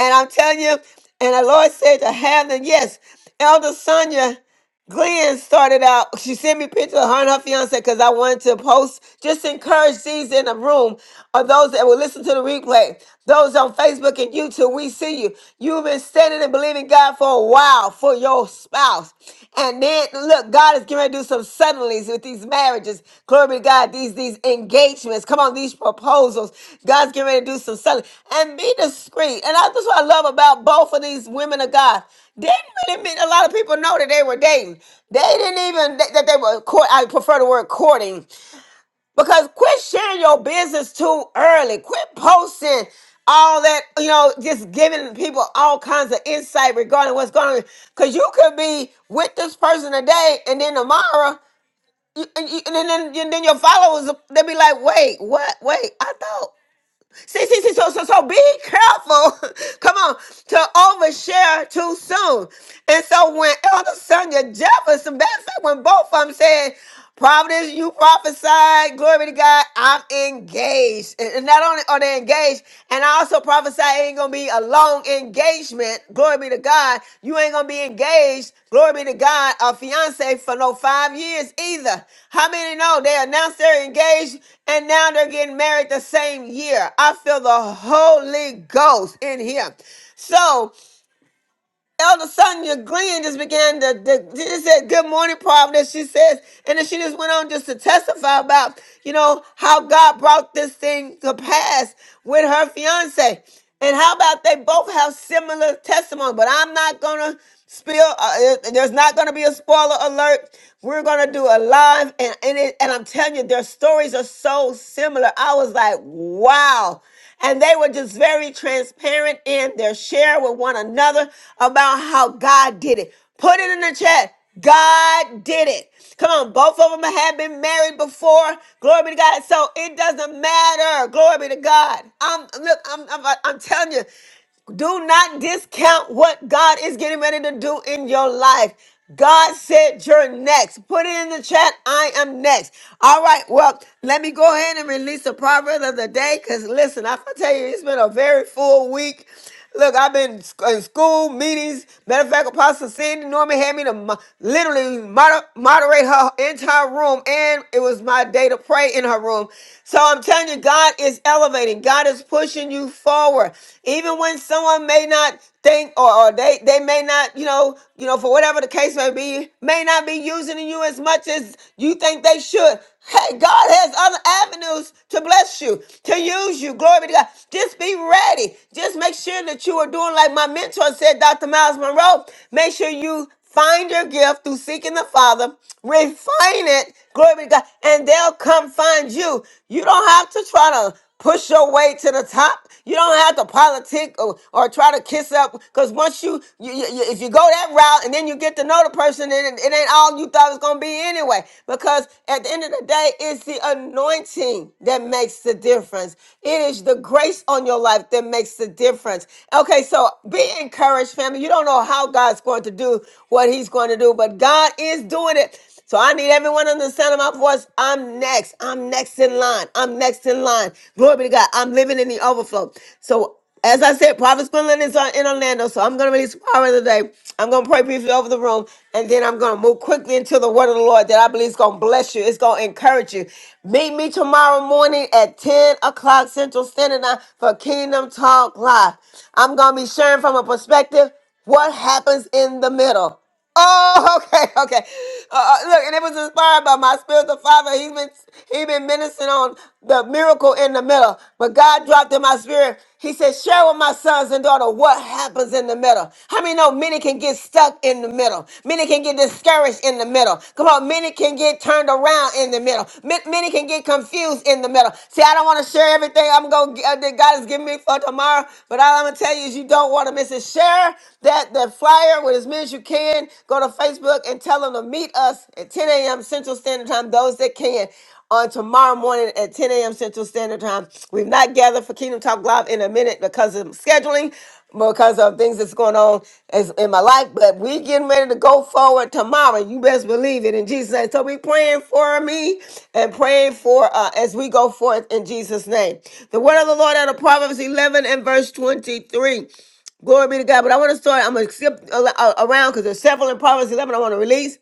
Speaker 1: And I'm telling you, and the Lord said to have them. Yes, Elder Sonia. Glenn started out, she sent me a picture of her and her fiance because I wanted to post, just encourage these in the room or those that will listen to the replay. Those on Facebook and YouTube, we see you. You've been standing and believing God for a while for your spouse. And then, look, God is getting ready to do some suddenly with these marriages. Glory be to God. These these engagements. Come on, these proposals. God's getting ready to do some suddenly. And be discreet. And I, that's what I love about both of these women of God. Didn't really mean a lot of people know that they were dating. They didn't even that that they were court. I prefer the word courting because quit sharing your business too early. Quit posting all that you know, just giving people all kinds of insight regarding what's going on. Because you could be with this person today, and then tomorrow you- and, you- and then, and then your followers they be like, wait, what? Wait, I thought. See, see, see, so so so be careful. Come on, to overshare too soon. And so when Elder Sonia Jefferson, matter of fact, when both of them said, Providence, you prophesied, glory to God, I'm engaged. And and not only are they engaged, and I also prophesied ain't gonna be a long engagement. Glory be to God. You ain't gonna be engaged. Glory be to God. A fiance for no five years either. How many know they announced they're engaged and now they're getting married the same year? I feel the Holy Ghost in here. So all of a sudden, your Glenn just began to, to- she just said, Good morning, Providence. She says, and then she just went on just to testify about, you know, how God brought this thing to pass with her fiance. And how about they both have similar testimony? But I'm not going to spill, uh, uh, there's not going to be a spoiler alert. We're going to do a live, and, and, it, and I'm telling you, their stories are so similar. I was like, wow. And they were just very transparent in their share with one another about how God did it. Put it in the chat. God did it. Come on, both of them had been married before. Glory be to God. So it doesn't matter. Glory be to God. I'm look. I'm. I'm, I'm telling you. Do not discount what God is getting ready to do in your life. God said you're next. Put it in the chat. I am next. All right. Well, let me go ahead and release the proverb of the day. Cause listen, I can tell you, it's been a very full week. Look, I've been in sc- in school meetings. Matter of fact, Apostle Sandy Norman had me to mo- literally moder- moderate her entire room, and it was my day to pray in her room. So I'm telling you, God is elevating. God is is pushing you forward. Even when someone may not think or, or they, they may not, you know, you know, for whatever the case may be, may not be using you as much as you think they should. Hey, God has other avenues to bless you, to use you. Glory be to God. Just be ready. Just make sure that you are doing like my mentor said, Dr. Miles Monroe. Make sure you Find your gift through seeking the Father, refine it, glory be to God, and they'll come find you. You don't have to try to Push your way to the top. You don't have to politic or, or try to kiss up. Cause once you, you, you- you- if you go that route and then you get to know the person, and it, it ain't all you thought it was gonna be anyway. Because at the end of the day, it's the anointing that makes the difference. It is the grace on your life that makes the difference. Okay, so be encouraged, family. You don't know how God's going to do what He's going to do, but God is doing it. So I need everyone on the sound of my voice. I'm next. I'm next in line. I'm next in line. Glory be to God. I'm living in the overflow. So as I said, Prophet Gwendolyn is on- in Orlando, so I'm going to release power of the day. I'm going to pray briefly over the room, and then I'm going to move quickly into the word of the Lord that I believe is going to bless you. It's going to encourage you. Meet me tomorrow morning at 10 o'clock Central Standard Time for Kingdom Talk Live. I'm going to be sharing from a perspective what happens in the middle. Oh, okay, okay. Uh, uh, look, and it was inspired by my spiritual father. He's been he been ministering on the miracle in the middle, but God dropped in my spirit. He said, "Share with my sons and daughter what happens in the middle." How many know many can get stuck in the middle? Many can get discouraged in the middle. Come on, many can get turned around in the middle. Ma- Many can get confused in the middle. See, I don't want to share everything I'm going to that God has given me for tomorrow, but all I'm gonna tell you is you don't want to miss it. Share that that, that flyer with as many as you can. Go to Facebook and tell them to meet us at 10 a.m. Central Standard Time, those that can. On tomorrow morning at 10 a.m. Central Standard Time. We've not gathered for Kingdom Talk Live in a minute because of scheduling, because of things that's going on as- in my life, but we getting ready to go forward tomorrow. You best believe it in Jesus' name. So we praying for me and praying for uh, as we go forth in Jesus' name. The word of the Lord out of Proverbs 11 and verse 23. Glory be to God. But I want to start. I'm gonna skip a- a- around because there's several in Proverbs 11 I want to release.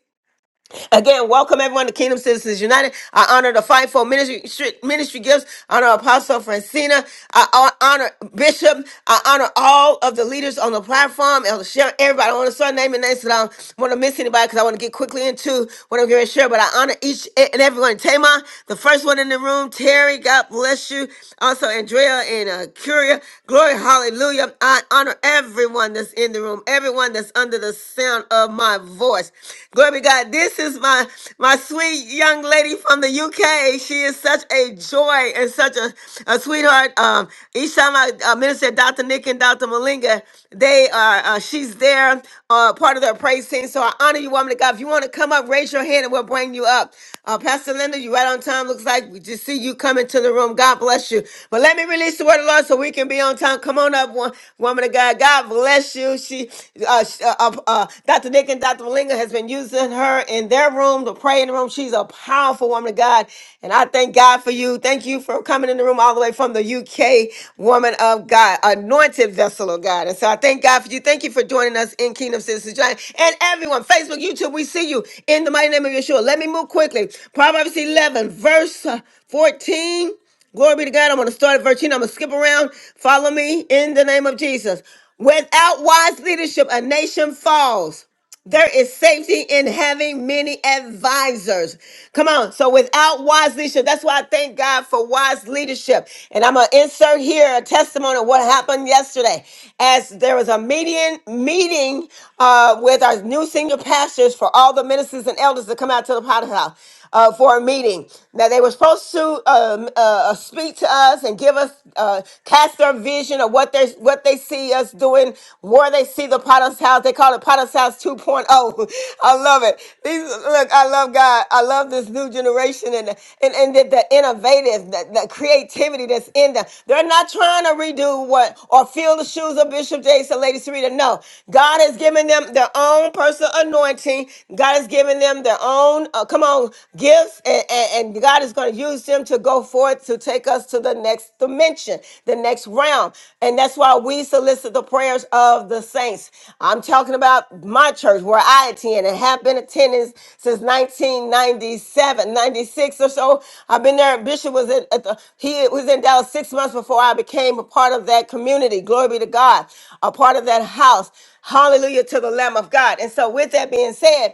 Speaker 1: Again, welcome everyone to Kingdom Citizens United. I honor the fivefold ministry ministry gifts. I honor Apostle Francina. I honor Bishop. I honor all of the leaders on the platform. Elder Sharon, everybody. I want to start naming names that I don't want to miss anybody because I want to get quickly into what I'm going to share. But I honor each and everyone. Tamar, the first one in the room. Terry, God bless you. Also, Andrea and uh, Curia. Glory, hallelujah. I honor everyone that's in the room. Everyone that's under the sound of my voice. Glory be Glory to God. This is my my sweet young lady from the UK. She is such a joy and such a, a sweetheart. Um, each time I uh, minister Dr. Nick and Dr. Malinga, they are uh, she's there, uh, part of their praise team. So I honor you, woman of God. If you want to come up, raise your hand and we'll bring you up. Uh, Pastor Linda, you right on time. Looks like we just see you coming to the room. God bless you. But let me release the word of the Lord so we can be on time. Come on up, wo- woman of God. God bless you. She, uh, sh- uh, uh, uh, Dr. Nick and Dr. Malinga. Malinga has been using her in their room the praying room. She's a powerful woman of God. And I thank God for you. Thank you for coming in the room all the way from the UK, woman of God, anointed vessel of God. And so I thank God for you. Thank you for joining us in Kingdom Citizens United. And everyone, Facebook, YouTube, we see you in the mighty name of Yeshua. Let me move quickly. Proverbs 11, verse uh, 14. Glory be to God. I'm going to start at verse 10 I'm going to skip around. Follow me in the name of Jesus. Without wise leadership, a nation falls. There is safety in having many advisors. Come on. So without wise leadership, that's why I thank God for wise leadership. And I'm gonna insert here a testimony of what happened yesterday. As there was a meeting meeting uh, with our new senior pastors for all the ministers and elders to come out to the potty house uh, for a meeting. Now they were supposed to um, uh, uh, speak to us and give us uh, cast their vision of what they what they see us doing, where they see the Potter's house. They call it Potter's house 2.0. I love it. These look, I love God. I love this new generation and and and the, the innovative, the, the creativity that's in them. They're not trying to redo what or fill the shoes of Bishop Jason, Lady Serena. No, God has given given them their own personal anointing. God has given them their own, uh, come on, gifts, and, and, and God is going to use them to go forth to take us to the next dimension, the next realm. And that's why we solicit the prayers of the saints. I'm talking about my church where I attend and have been attending since 1997, 96 or so. I've been there. Bishop was in, at the, he was in Dallas six months before I became became a part of that community. Glory be to God, a part of that house. Hallelujah to the Lamb of God. And so, with that being said,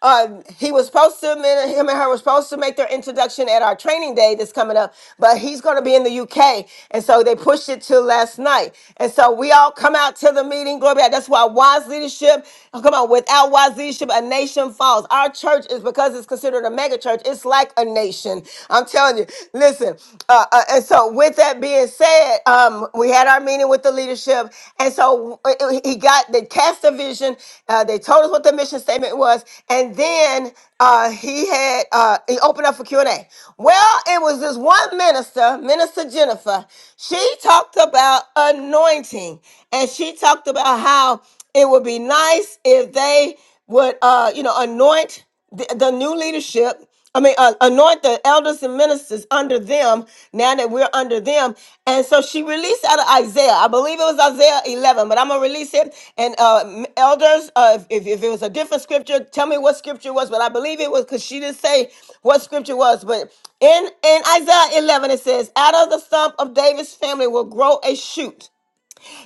Speaker 1: uh, he was supposed to, him and her were supposed to make their introduction at our training day that's coming up, but he's going to be in the UK. And so, they pushed it to last night. And so, we all come out to the meeting. Glory be to God. That's why wise leadership, oh, come on, without wise leadership, a nation falls. Our church is because it's considered a mega church, it's like a nation nation. I'm telling you, listen. Uh, uh, and so, with that being said, um, we had our meeting with the leadership, and so uh, uh, he got they cast a vision. Uh, they told us what the mission statement was, and then uh, he had uh, he opened up for Q and A. Well, it was this one minister, Minister Jennifer. She talked about anointing, and she talked about how it would be nice if they would, uh, you know, anoint the, the new leadership i mean uh, anoint the elders and ministers under them now that we're under them and so she released out of isaiah i believe it was isaiah 11 but i'm gonna release it and uh m- elders uh if, if it was a different scripture tell me what scripture it was but i believe it was because she didn't say what scripture was but in in isaiah 11 it says out of the stump of david's family will grow a shoot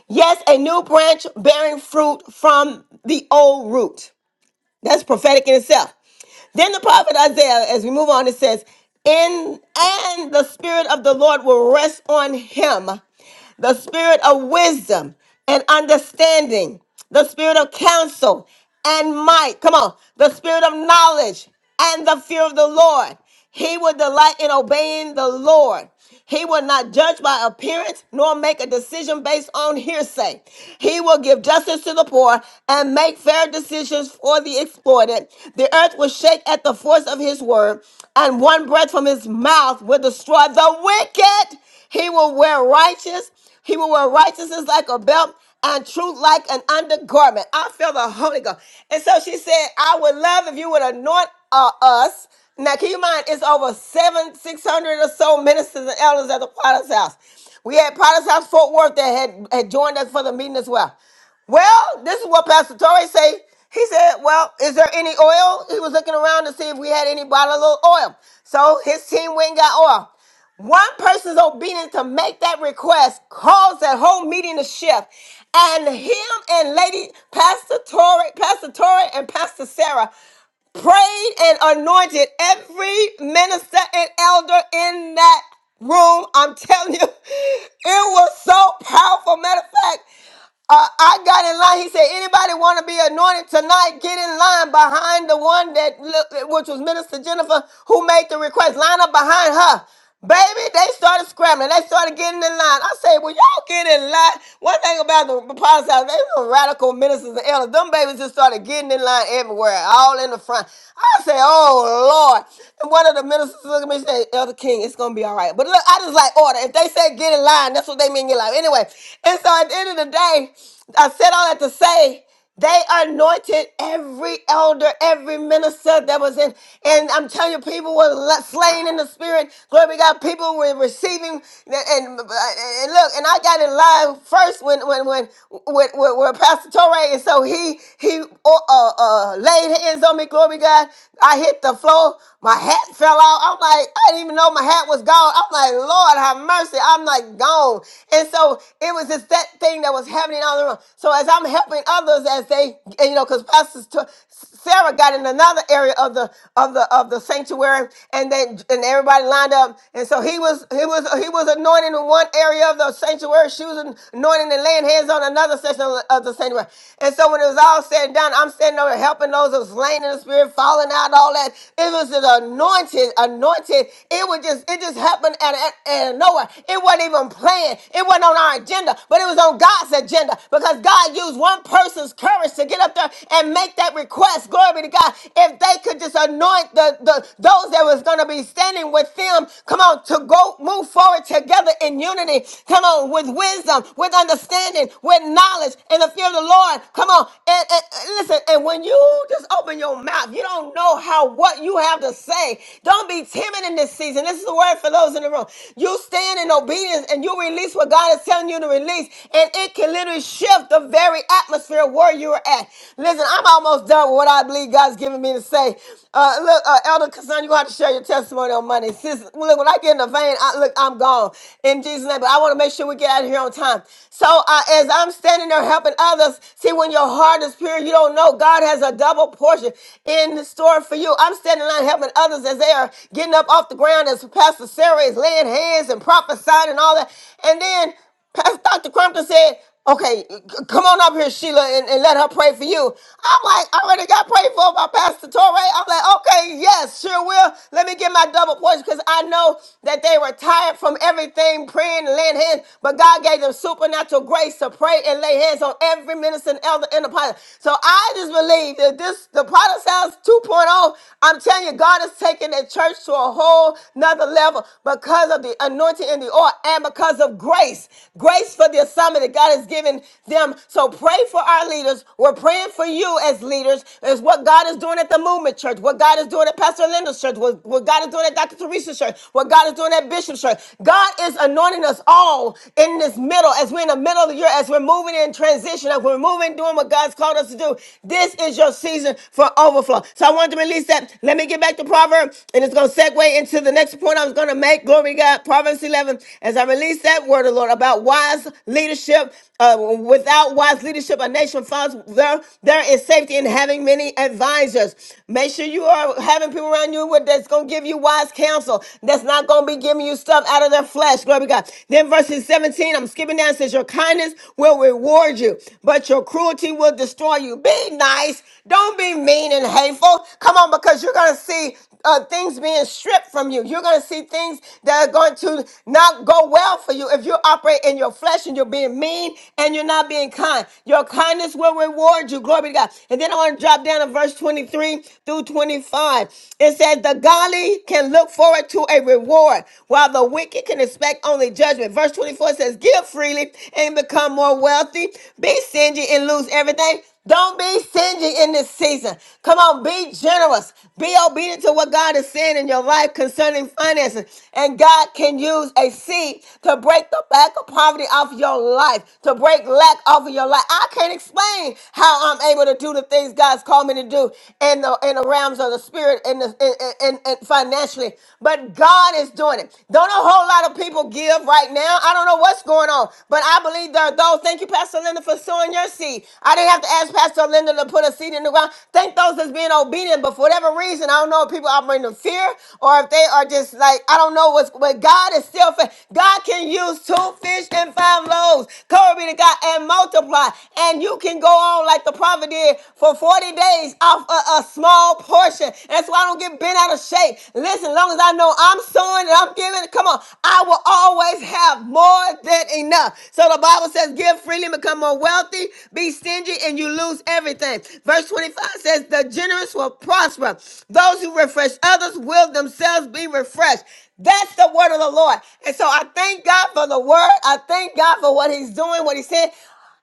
Speaker 1: yes a new branch bearing fruit from the old root that's prophetic in itself then the prophet Isaiah, as we move on, it says, In and the spirit of the Lord will rest on him the spirit of wisdom and understanding, the spirit of counsel and might. Come on, the spirit of knowledge and the fear of the Lord. He will delight in obeying the Lord. He will not judge by appearance nor make a decision based on hearsay. He will give justice to the poor and make fair decisions for the exploited. The earth will shake at the force of his word, and one breath from his mouth will destroy the wicked he will wear righteous. He will wear righteousness like a belt and truth like an undergarment. I feel the Holy Ghost. And so she said, I would love if you would anoint uh, us. Now, keep in mind, it's over seven, 600 or so ministers and elders at the Potter's house. We had Potter's house Fort Worth that had, had joined us for the meeting as well. Well, this is what Pastor Torrey say. He said, Well, is there any oil? He was looking around to see if we had any bottle of oil. So his team went and got oil. One person's obedience to make that request caused that whole meeting to shift. And him and Lady Pastor Tori, Pastor Tori and Pastor Sarah prayed and anointed every minister and elder in that room. I'm telling you, it was so powerful. Matter of fact, uh, I got in line. He said, anybody want to be anointed tonight? Get in line behind the one that, li- which was Minister Jennifer, who made the request. Line up behind her. Baby, they started scrambling. They started getting in line. I say, well, y'all get in line. One thing about the apostles, they were radical ministers and elders. Them babies just started getting in line everywhere, all in the front. I say, oh, Lord. And one of the ministers looked at me and said, Elder King, it's going to be all right. But look, I just like order. If they say get in line, that's what they mean get in line. Anyway, and so at the end of the day, I said all that to say they anointed every elder, every minister that was in. And I'm telling you, people were la- slain in the spirit. Glory be to God. People were receiving. the- And, and look, and I got in line first when when when when, when, when Pastor Torre, and so he he uh, uh, uh, laid hands on me. Glory be to God. I hit the floor. My hat fell out. I'm like, I didn't even know my hat was gone. I'm like, Lord have mercy. I'm like gone. And so it was just that thing that was happening around and around. So as I'm helping others, as they, and, you know, because Pastor T- Sarah got in another area of the of the of the sanctuary, and then and everybody lined up, and so he was he was he was anointing in one area of the sanctuary. She was anointing and laying hands on another section of the of the sanctuary. And so when it was all said and done, I'm standing over here helping those that was laying in the spirit, falling out, all that. It was an anointed, anointed. It was just it just happened out of, out of nowhere. It wasn't even planned. It wasn't on our agenda, but it was on God's agenda because God used one person's courage to get up there and make that request. Glory be to God. If they could just anoint the, the those that was going to be standing with them, come on, to go move forward together in unity. Come on, with wisdom, with understanding, with knowledge, and the fear of the Lord. Come on, and, and and listen. And when you just open your mouth, you don't know how what you have to say. Don't be timid in this season. This is the word for those in the room. You stand in obedience and you release what God is telling you to release, and it can literally shift the very atmosphere where you're at. Listen, I'm almost done with what I believe God's given me to say. Uh, look, uh, Elder Cassandra, you have to share your testimony on Monday. Sis, look, when I get in the vein, I, look, I'm gone in Jesus' name. But I want to make sure we get out of here on time. So uh, as I'm standing there helping others, see, when your heart is pure, you don't know God has a double portion in the store for you. I'm standing there helping others as they are getting up off the ground, as Pastor Sarah is laying hands and prophesying and all that, and then. Pastor Dr. Crumpton said, okay, c- come on up here, Sheila, and, and let her pray for you. I'm like, I already got prayed for by Pastor Torrey. I'm like, okay, yes, sure will. Let me get my double portion because I know that they were tired from everything, praying and laying hands, but God gave them supernatural grace to pray and lay hands on every minister and elder in the product. So I just believe that this, the product sounds 2.0, I'm telling you, God is taking the church to a whole another level because of the anointing and the oil and because of grace. Grace for the assignment that God has given them. So pray for our leaders. We're praying for you as leaders, is what God is doing at the movement church, what God is doing at Pastor Linda's church, what, what God is doing at Dr. Teresa's church, what God is doing at Bishop's church. God is anointing us all in this middle, as we're in the middle of the year, as we're moving in transition, as we're moving, doing what God's called us to do. This is your season for overflow people. So I wanted to release that. Let me get back to Proverbs, and it's going to segue into the next point I was going to make. Glory to God. Proverbs 11. As I release that word, of the Lord, about wise leadership, uh, without wise leadership, a nation falls. There, there is safety in having many advisors. Make sure you are having people around you with- that's going to give you wise counsel. That's not going to be giving you stuff out of their flesh. Glory to God. Then verses 17, I'm skipping down, it says, Your kindness will reward you but but your cruelty will destroy you. Be nice. Don't be mean and hateful. Come on, because you're going to see uh, things being stripped from you. You're going to see things that are going to not go well for you if you operate in your flesh and you're being mean and you're not being kind. Your kindness will reward you. Glory be to God. And then I want to drop down to verse 23 through 25. It says, The godly can look forward to a reward, while the wicked can expect only judgment. Like, Verse 24 says, Give freely and become more wealthy. Be stingy and lose everything. Don't be stingy in this season. Come on, be generous. Be obedient to what God is saying in your life concerning finances. And God can use a seed to break the back of poverty off your life, to break lack off of your life. I can't explain how I'm able to do the things God's called me to do in the in the realms of the spirit and the in, in, in- in financially." financially, but God is doing it. Don't a whole lot of people give right now. I don't know what's going on, but I believe there are those. Thank you, Pastor Linda, for sowing your seed. I didn't have to ask Pastor Linda to put a seed in the ground. Thank those that's being obedient, but for whatever reason, I don't know if people operating in fear or if they are just like, I don't know what's, but God is still, fa- God can use two fish and five loaves. Glory be to God and multiply. And you can go on like the prophet did for 40 days days off a, a small portion. That's why I don't get bent out of shape. Listen, as long as I know I'm sowing and I'm giving, come on, I will always have more than enough. So the Bible says, give freely, become more wealthy, be stingy, and you lose everything. Verse 25 says, the generous will prosper. Those who refresh others will themselves be refreshed. That's the word of the Lord. And so I thank God for the word. I thank God for what he's doing, what he said.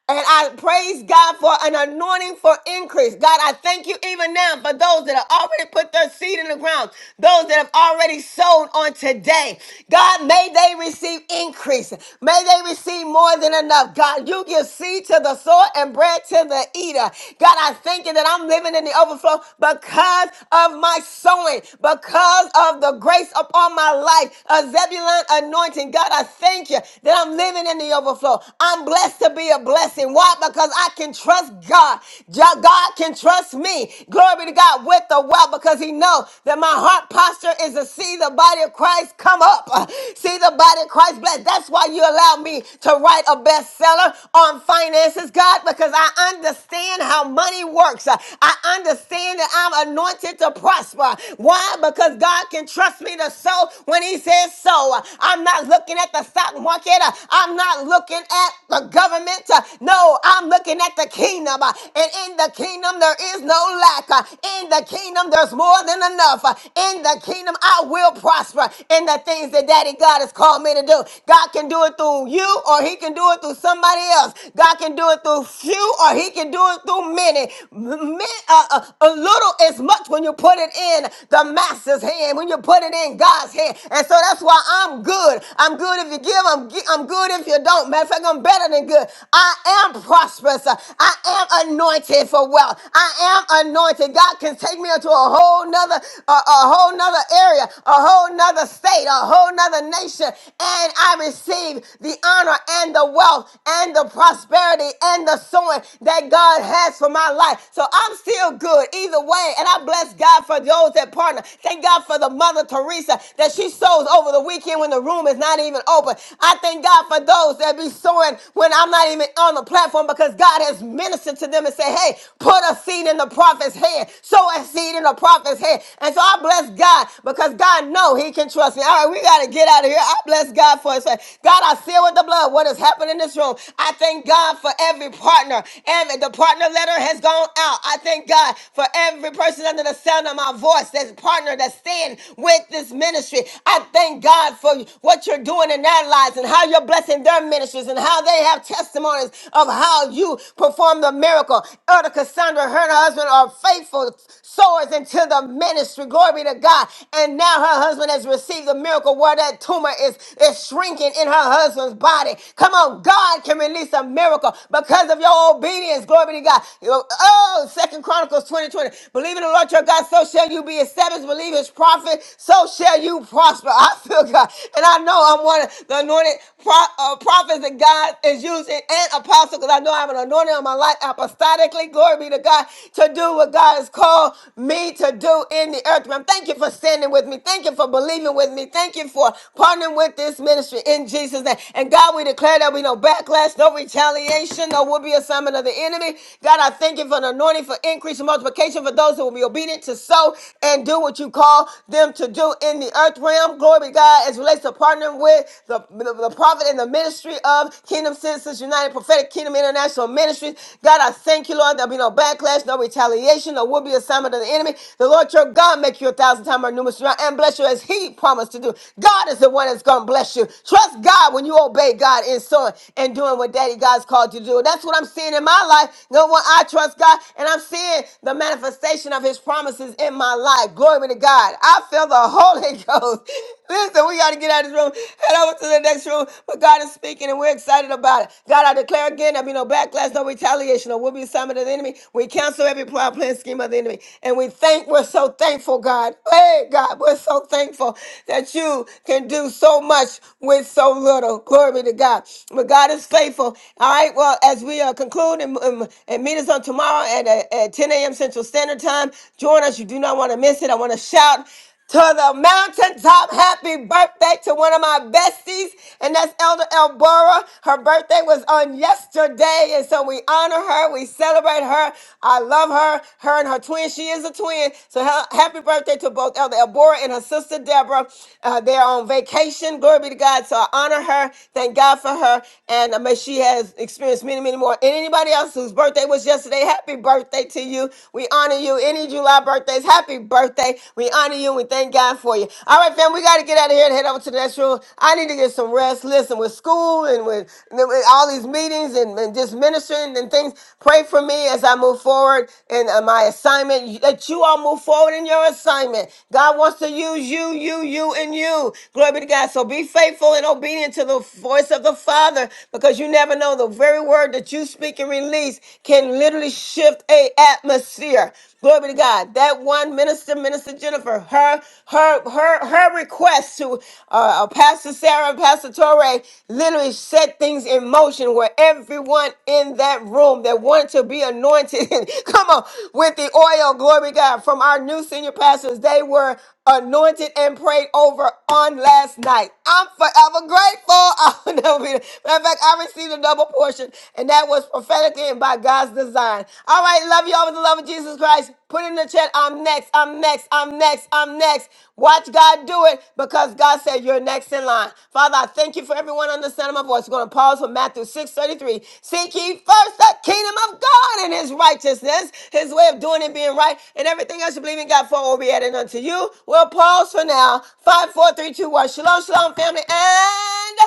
Speaker 1: And I praise God for an anointing for increase. God, I thank you even now for those that have already put their seed in the ground, those that have already sown on today. God, may they receive increase. May they receive more than enough. God, you give seed to the sower and bread to the eater. God, I thank you that I'm living in the overflow because of my sowing, because of the grace upon my life, a Zebulun anointing. God, I thank you that I'm living in the overflow. I'm blessed to be a blessing. Why? Because I can trust God. Ja- God can trust me. Glory to God with the well because he know that my heart posture is to see the body of Christ come up. Uh, See the body of Christ blessed. That's why you allow me to write a bestseller on finances, God, because I understand how money works. Uh, I understand that I'm anointed to prosper. Why? Because God can trust me to sow when he says so. Uh, I'm not looking at the stock market. Uh, I'm not looking at the government. Uh, No, I'm looking at the kingdom. Uh, And in the kingdom, there is no lack. Uh, In the kingdom, there's more than enough. Uh, In the kingdom, I will prosper in the things that Daddy God has called me to do. God can do it through you, or He can do it through somebody else. God can do it through few, or He can do it through many. M- uh, uh, a little is much when you put it in the Master's hand, when you put it in God's hand. And so that's why I'm good. I'm good if you give. I'm, gi- I'm good if you don't. Matter of fact, I'm better than good. I am prosperous. I am anointed for wealth. I am anointed. God can take me into a whole nother, a, a whole nother area, a whole nother state, a whole nother nation. And I receive the honor and the wealth and the prosperity and the sowing that God has for my life. So I'm still good either way. And I bless God for those that partner. Thank God for the mother Teresa that she sows over the weekend when the room is not even open. I thank God for those that be sowing when I'm not even on the platform because God has ministered to them and said, hey, put a seed in the prophet's head. Sow a seed in the prophet's head. And so I bless God because God know he can trust me. All right, we got to get out of here. I bless God for it. So, God, I seal with the blood what has happened in this room. I thank God for every partner. Every The partner letter has gone out. I thank God for every person under the sound of my voice that's partner that's stand with with this ministry. I thank God for what you're doing in their lives and how you're blessing their ministries and how they have testimonies of how you perform the miracle. Elder Cassandra, her and her husband are faithful sowers into the ministry. Glory be to God. And now her husband has received the miracle where that tumor is, is shrinking in her husband's body. Come on, God can release a miracle because of your obedience. Glory be to God. You- Oh, Second Chronicles 20 20, Believe in the Lord your God, so shall you be established first believe his prophet, so shall you prosper. I feel God. And I know I'm one of the anointed pro- uh, prophets that God is using and apostle because I know I'm an anointed on my life apostolically. Glory be to God to do what God has called me to do in the earth. Man, thank you for standing with me. Thank you for believing with me. Thank you for partnering with this ministry in Jesus' name. And God, we declare that we no backlash, no retaliation, no will be assignment of the enemy. God, I thank you for an anointing for increase and multiplication for those who will be obedient needed to sow and do what you call them to do in the earth realm. Glory be to God as it relates to partnering with the, the, the prophet and the ministry of Kingdom Citizens United Prophetic Kingdom International Ministries. God, I thank you, Lord. There'll be no backlash, no retaliation, no will be assignment of the enemy. The Lord your God make you a thousand times more numerous around and bless you as he promised to do. God is the one that's going to bless you. Trust God when you obey God in sowing and doing what Daddy God's called you to do. That's what I'm seeing in my life. No one I trust God, and I'm seeing the manifestation of his promises in my life. Glory be to God. I feel the Holy Ghost. Listen, we got to get out of this room, head over to the next room. But God is speaking and we're excited about it. God, I declare again, there'll be no backlash, no retaliation, or will be assignment of the enemy. We cancel every plot, plan, scheme of the enemy. And we thank, we're so thankful, God. Hey, God, we're so thankful that you can do so much with so little. Glory be to God. But God is faithful. All right, well, as we uh, conclude and, and, and meet us on tomorrow tomorrow at, uh, at 10 a.m. Central Standard Time. Join us. You do not want to miss it. I want to shout to the mountaintop. Happy birthday to one of my besties, and that's Elder Elbora. Her birthday was on yesterday, and so we honor her. We celebrate her. I love her. Her and her twin. She is a twin. So ha- happy birthday to both Elder Elbora and her sister Deborah. Uh, they're on vacation. Glory be to God. So I honor her. Thank God for her, and uh, may she has experienced many, many more. And anybody Everybody else whose birthday was yesterday, happy birthday to you. We honor you. Any July birthdays, happy birthday. We honor you and we thank God for you. All right, fam, we got to get out of here and head over to the next room. I need to get some rest. Listen, with school and with, with all these meetings and, and just ministering and things, pray for me as I move forward in uh, my assignment, that you all move forward in your assignment. God wants to use you, you, you, and you. Glory be to God. So be faithful and obedient to the voice of the Father because you never know the very very word that you speak and release can literally shift a atmosphere. Glory be to God. That one minister, Minister Jennifer, her her her her request to uh, uh, Pastor Sarah and Pastor Torre literally set things in motion where everyone in that room that wanted to be anointed, come on, with the oil, glory be to God, from our new senior pastors, they were anointed and prayed over on last night. I'm forever grateful. I'll never be. Matter of fact, I received a double portion, and that was prophetically and by God's design. All right, love you all with the love of Jesus Christ. Put in the chat, I'm next, I'm next, I'm next, I'm next. Watch God do it because God said you're next in line. Father, I thank you for everyone on the sound of my voice. We're going to pause for Matthew 6:33. Seek ye first the kingdom of God and his righteousness, his way of doing and being right, and everything else you believe in God for will be added unto you. We'll pause for now. Five, four, three, two, one. Shalom, shalom, family, and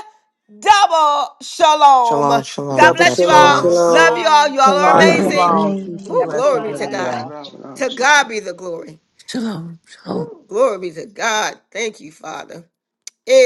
Speaker 1: double shalom.
Speaker 10: Shalom,
Speaker 1: God
Speaker 10: shalom.
Speaker 7: Double
Speaker 1: bless
Speaker 10: God
Speaker 1: you
Speaker 7: shalom,
Speaker 1: all.
Speaker 9: Shalom,
Speaker 10: bless.
Speaker 1: Love you
Speaker 7: shalom,
Speaker 1: all.
Speaker 9: shalom.
Speaker 1: You all are
Speaker 11: Shalom,
Speaker 7: fire
Speaker 12: Shalom,
Speaker 1: amazing.
Speaker 11: shalom.
Speaker 12: shalom.
Speaker 7: room.
Speaker 11: Peace and
Speaker 1: Ooh,
Speaker 13: Double
Speaker 1: glory
Speaker 11: blessings,
Speaker 1: be
Speaker 13: shalom.
Speaker 1: to
Speaker 13: Love you
Speaker 2: Shalom,
Speaker 1: God.
Speaker 11: everyone.
Speaker 13: all.
Speaker 2: shalom.
Speaker 14: chill out,
Speaker 1: To
Speaker 14: chill out.
Speaker 1: God be the glory.
Speaker 15: Shalom. Shalom.
Speaker 1: Ooh, glory be to God. Thank you, Father. It.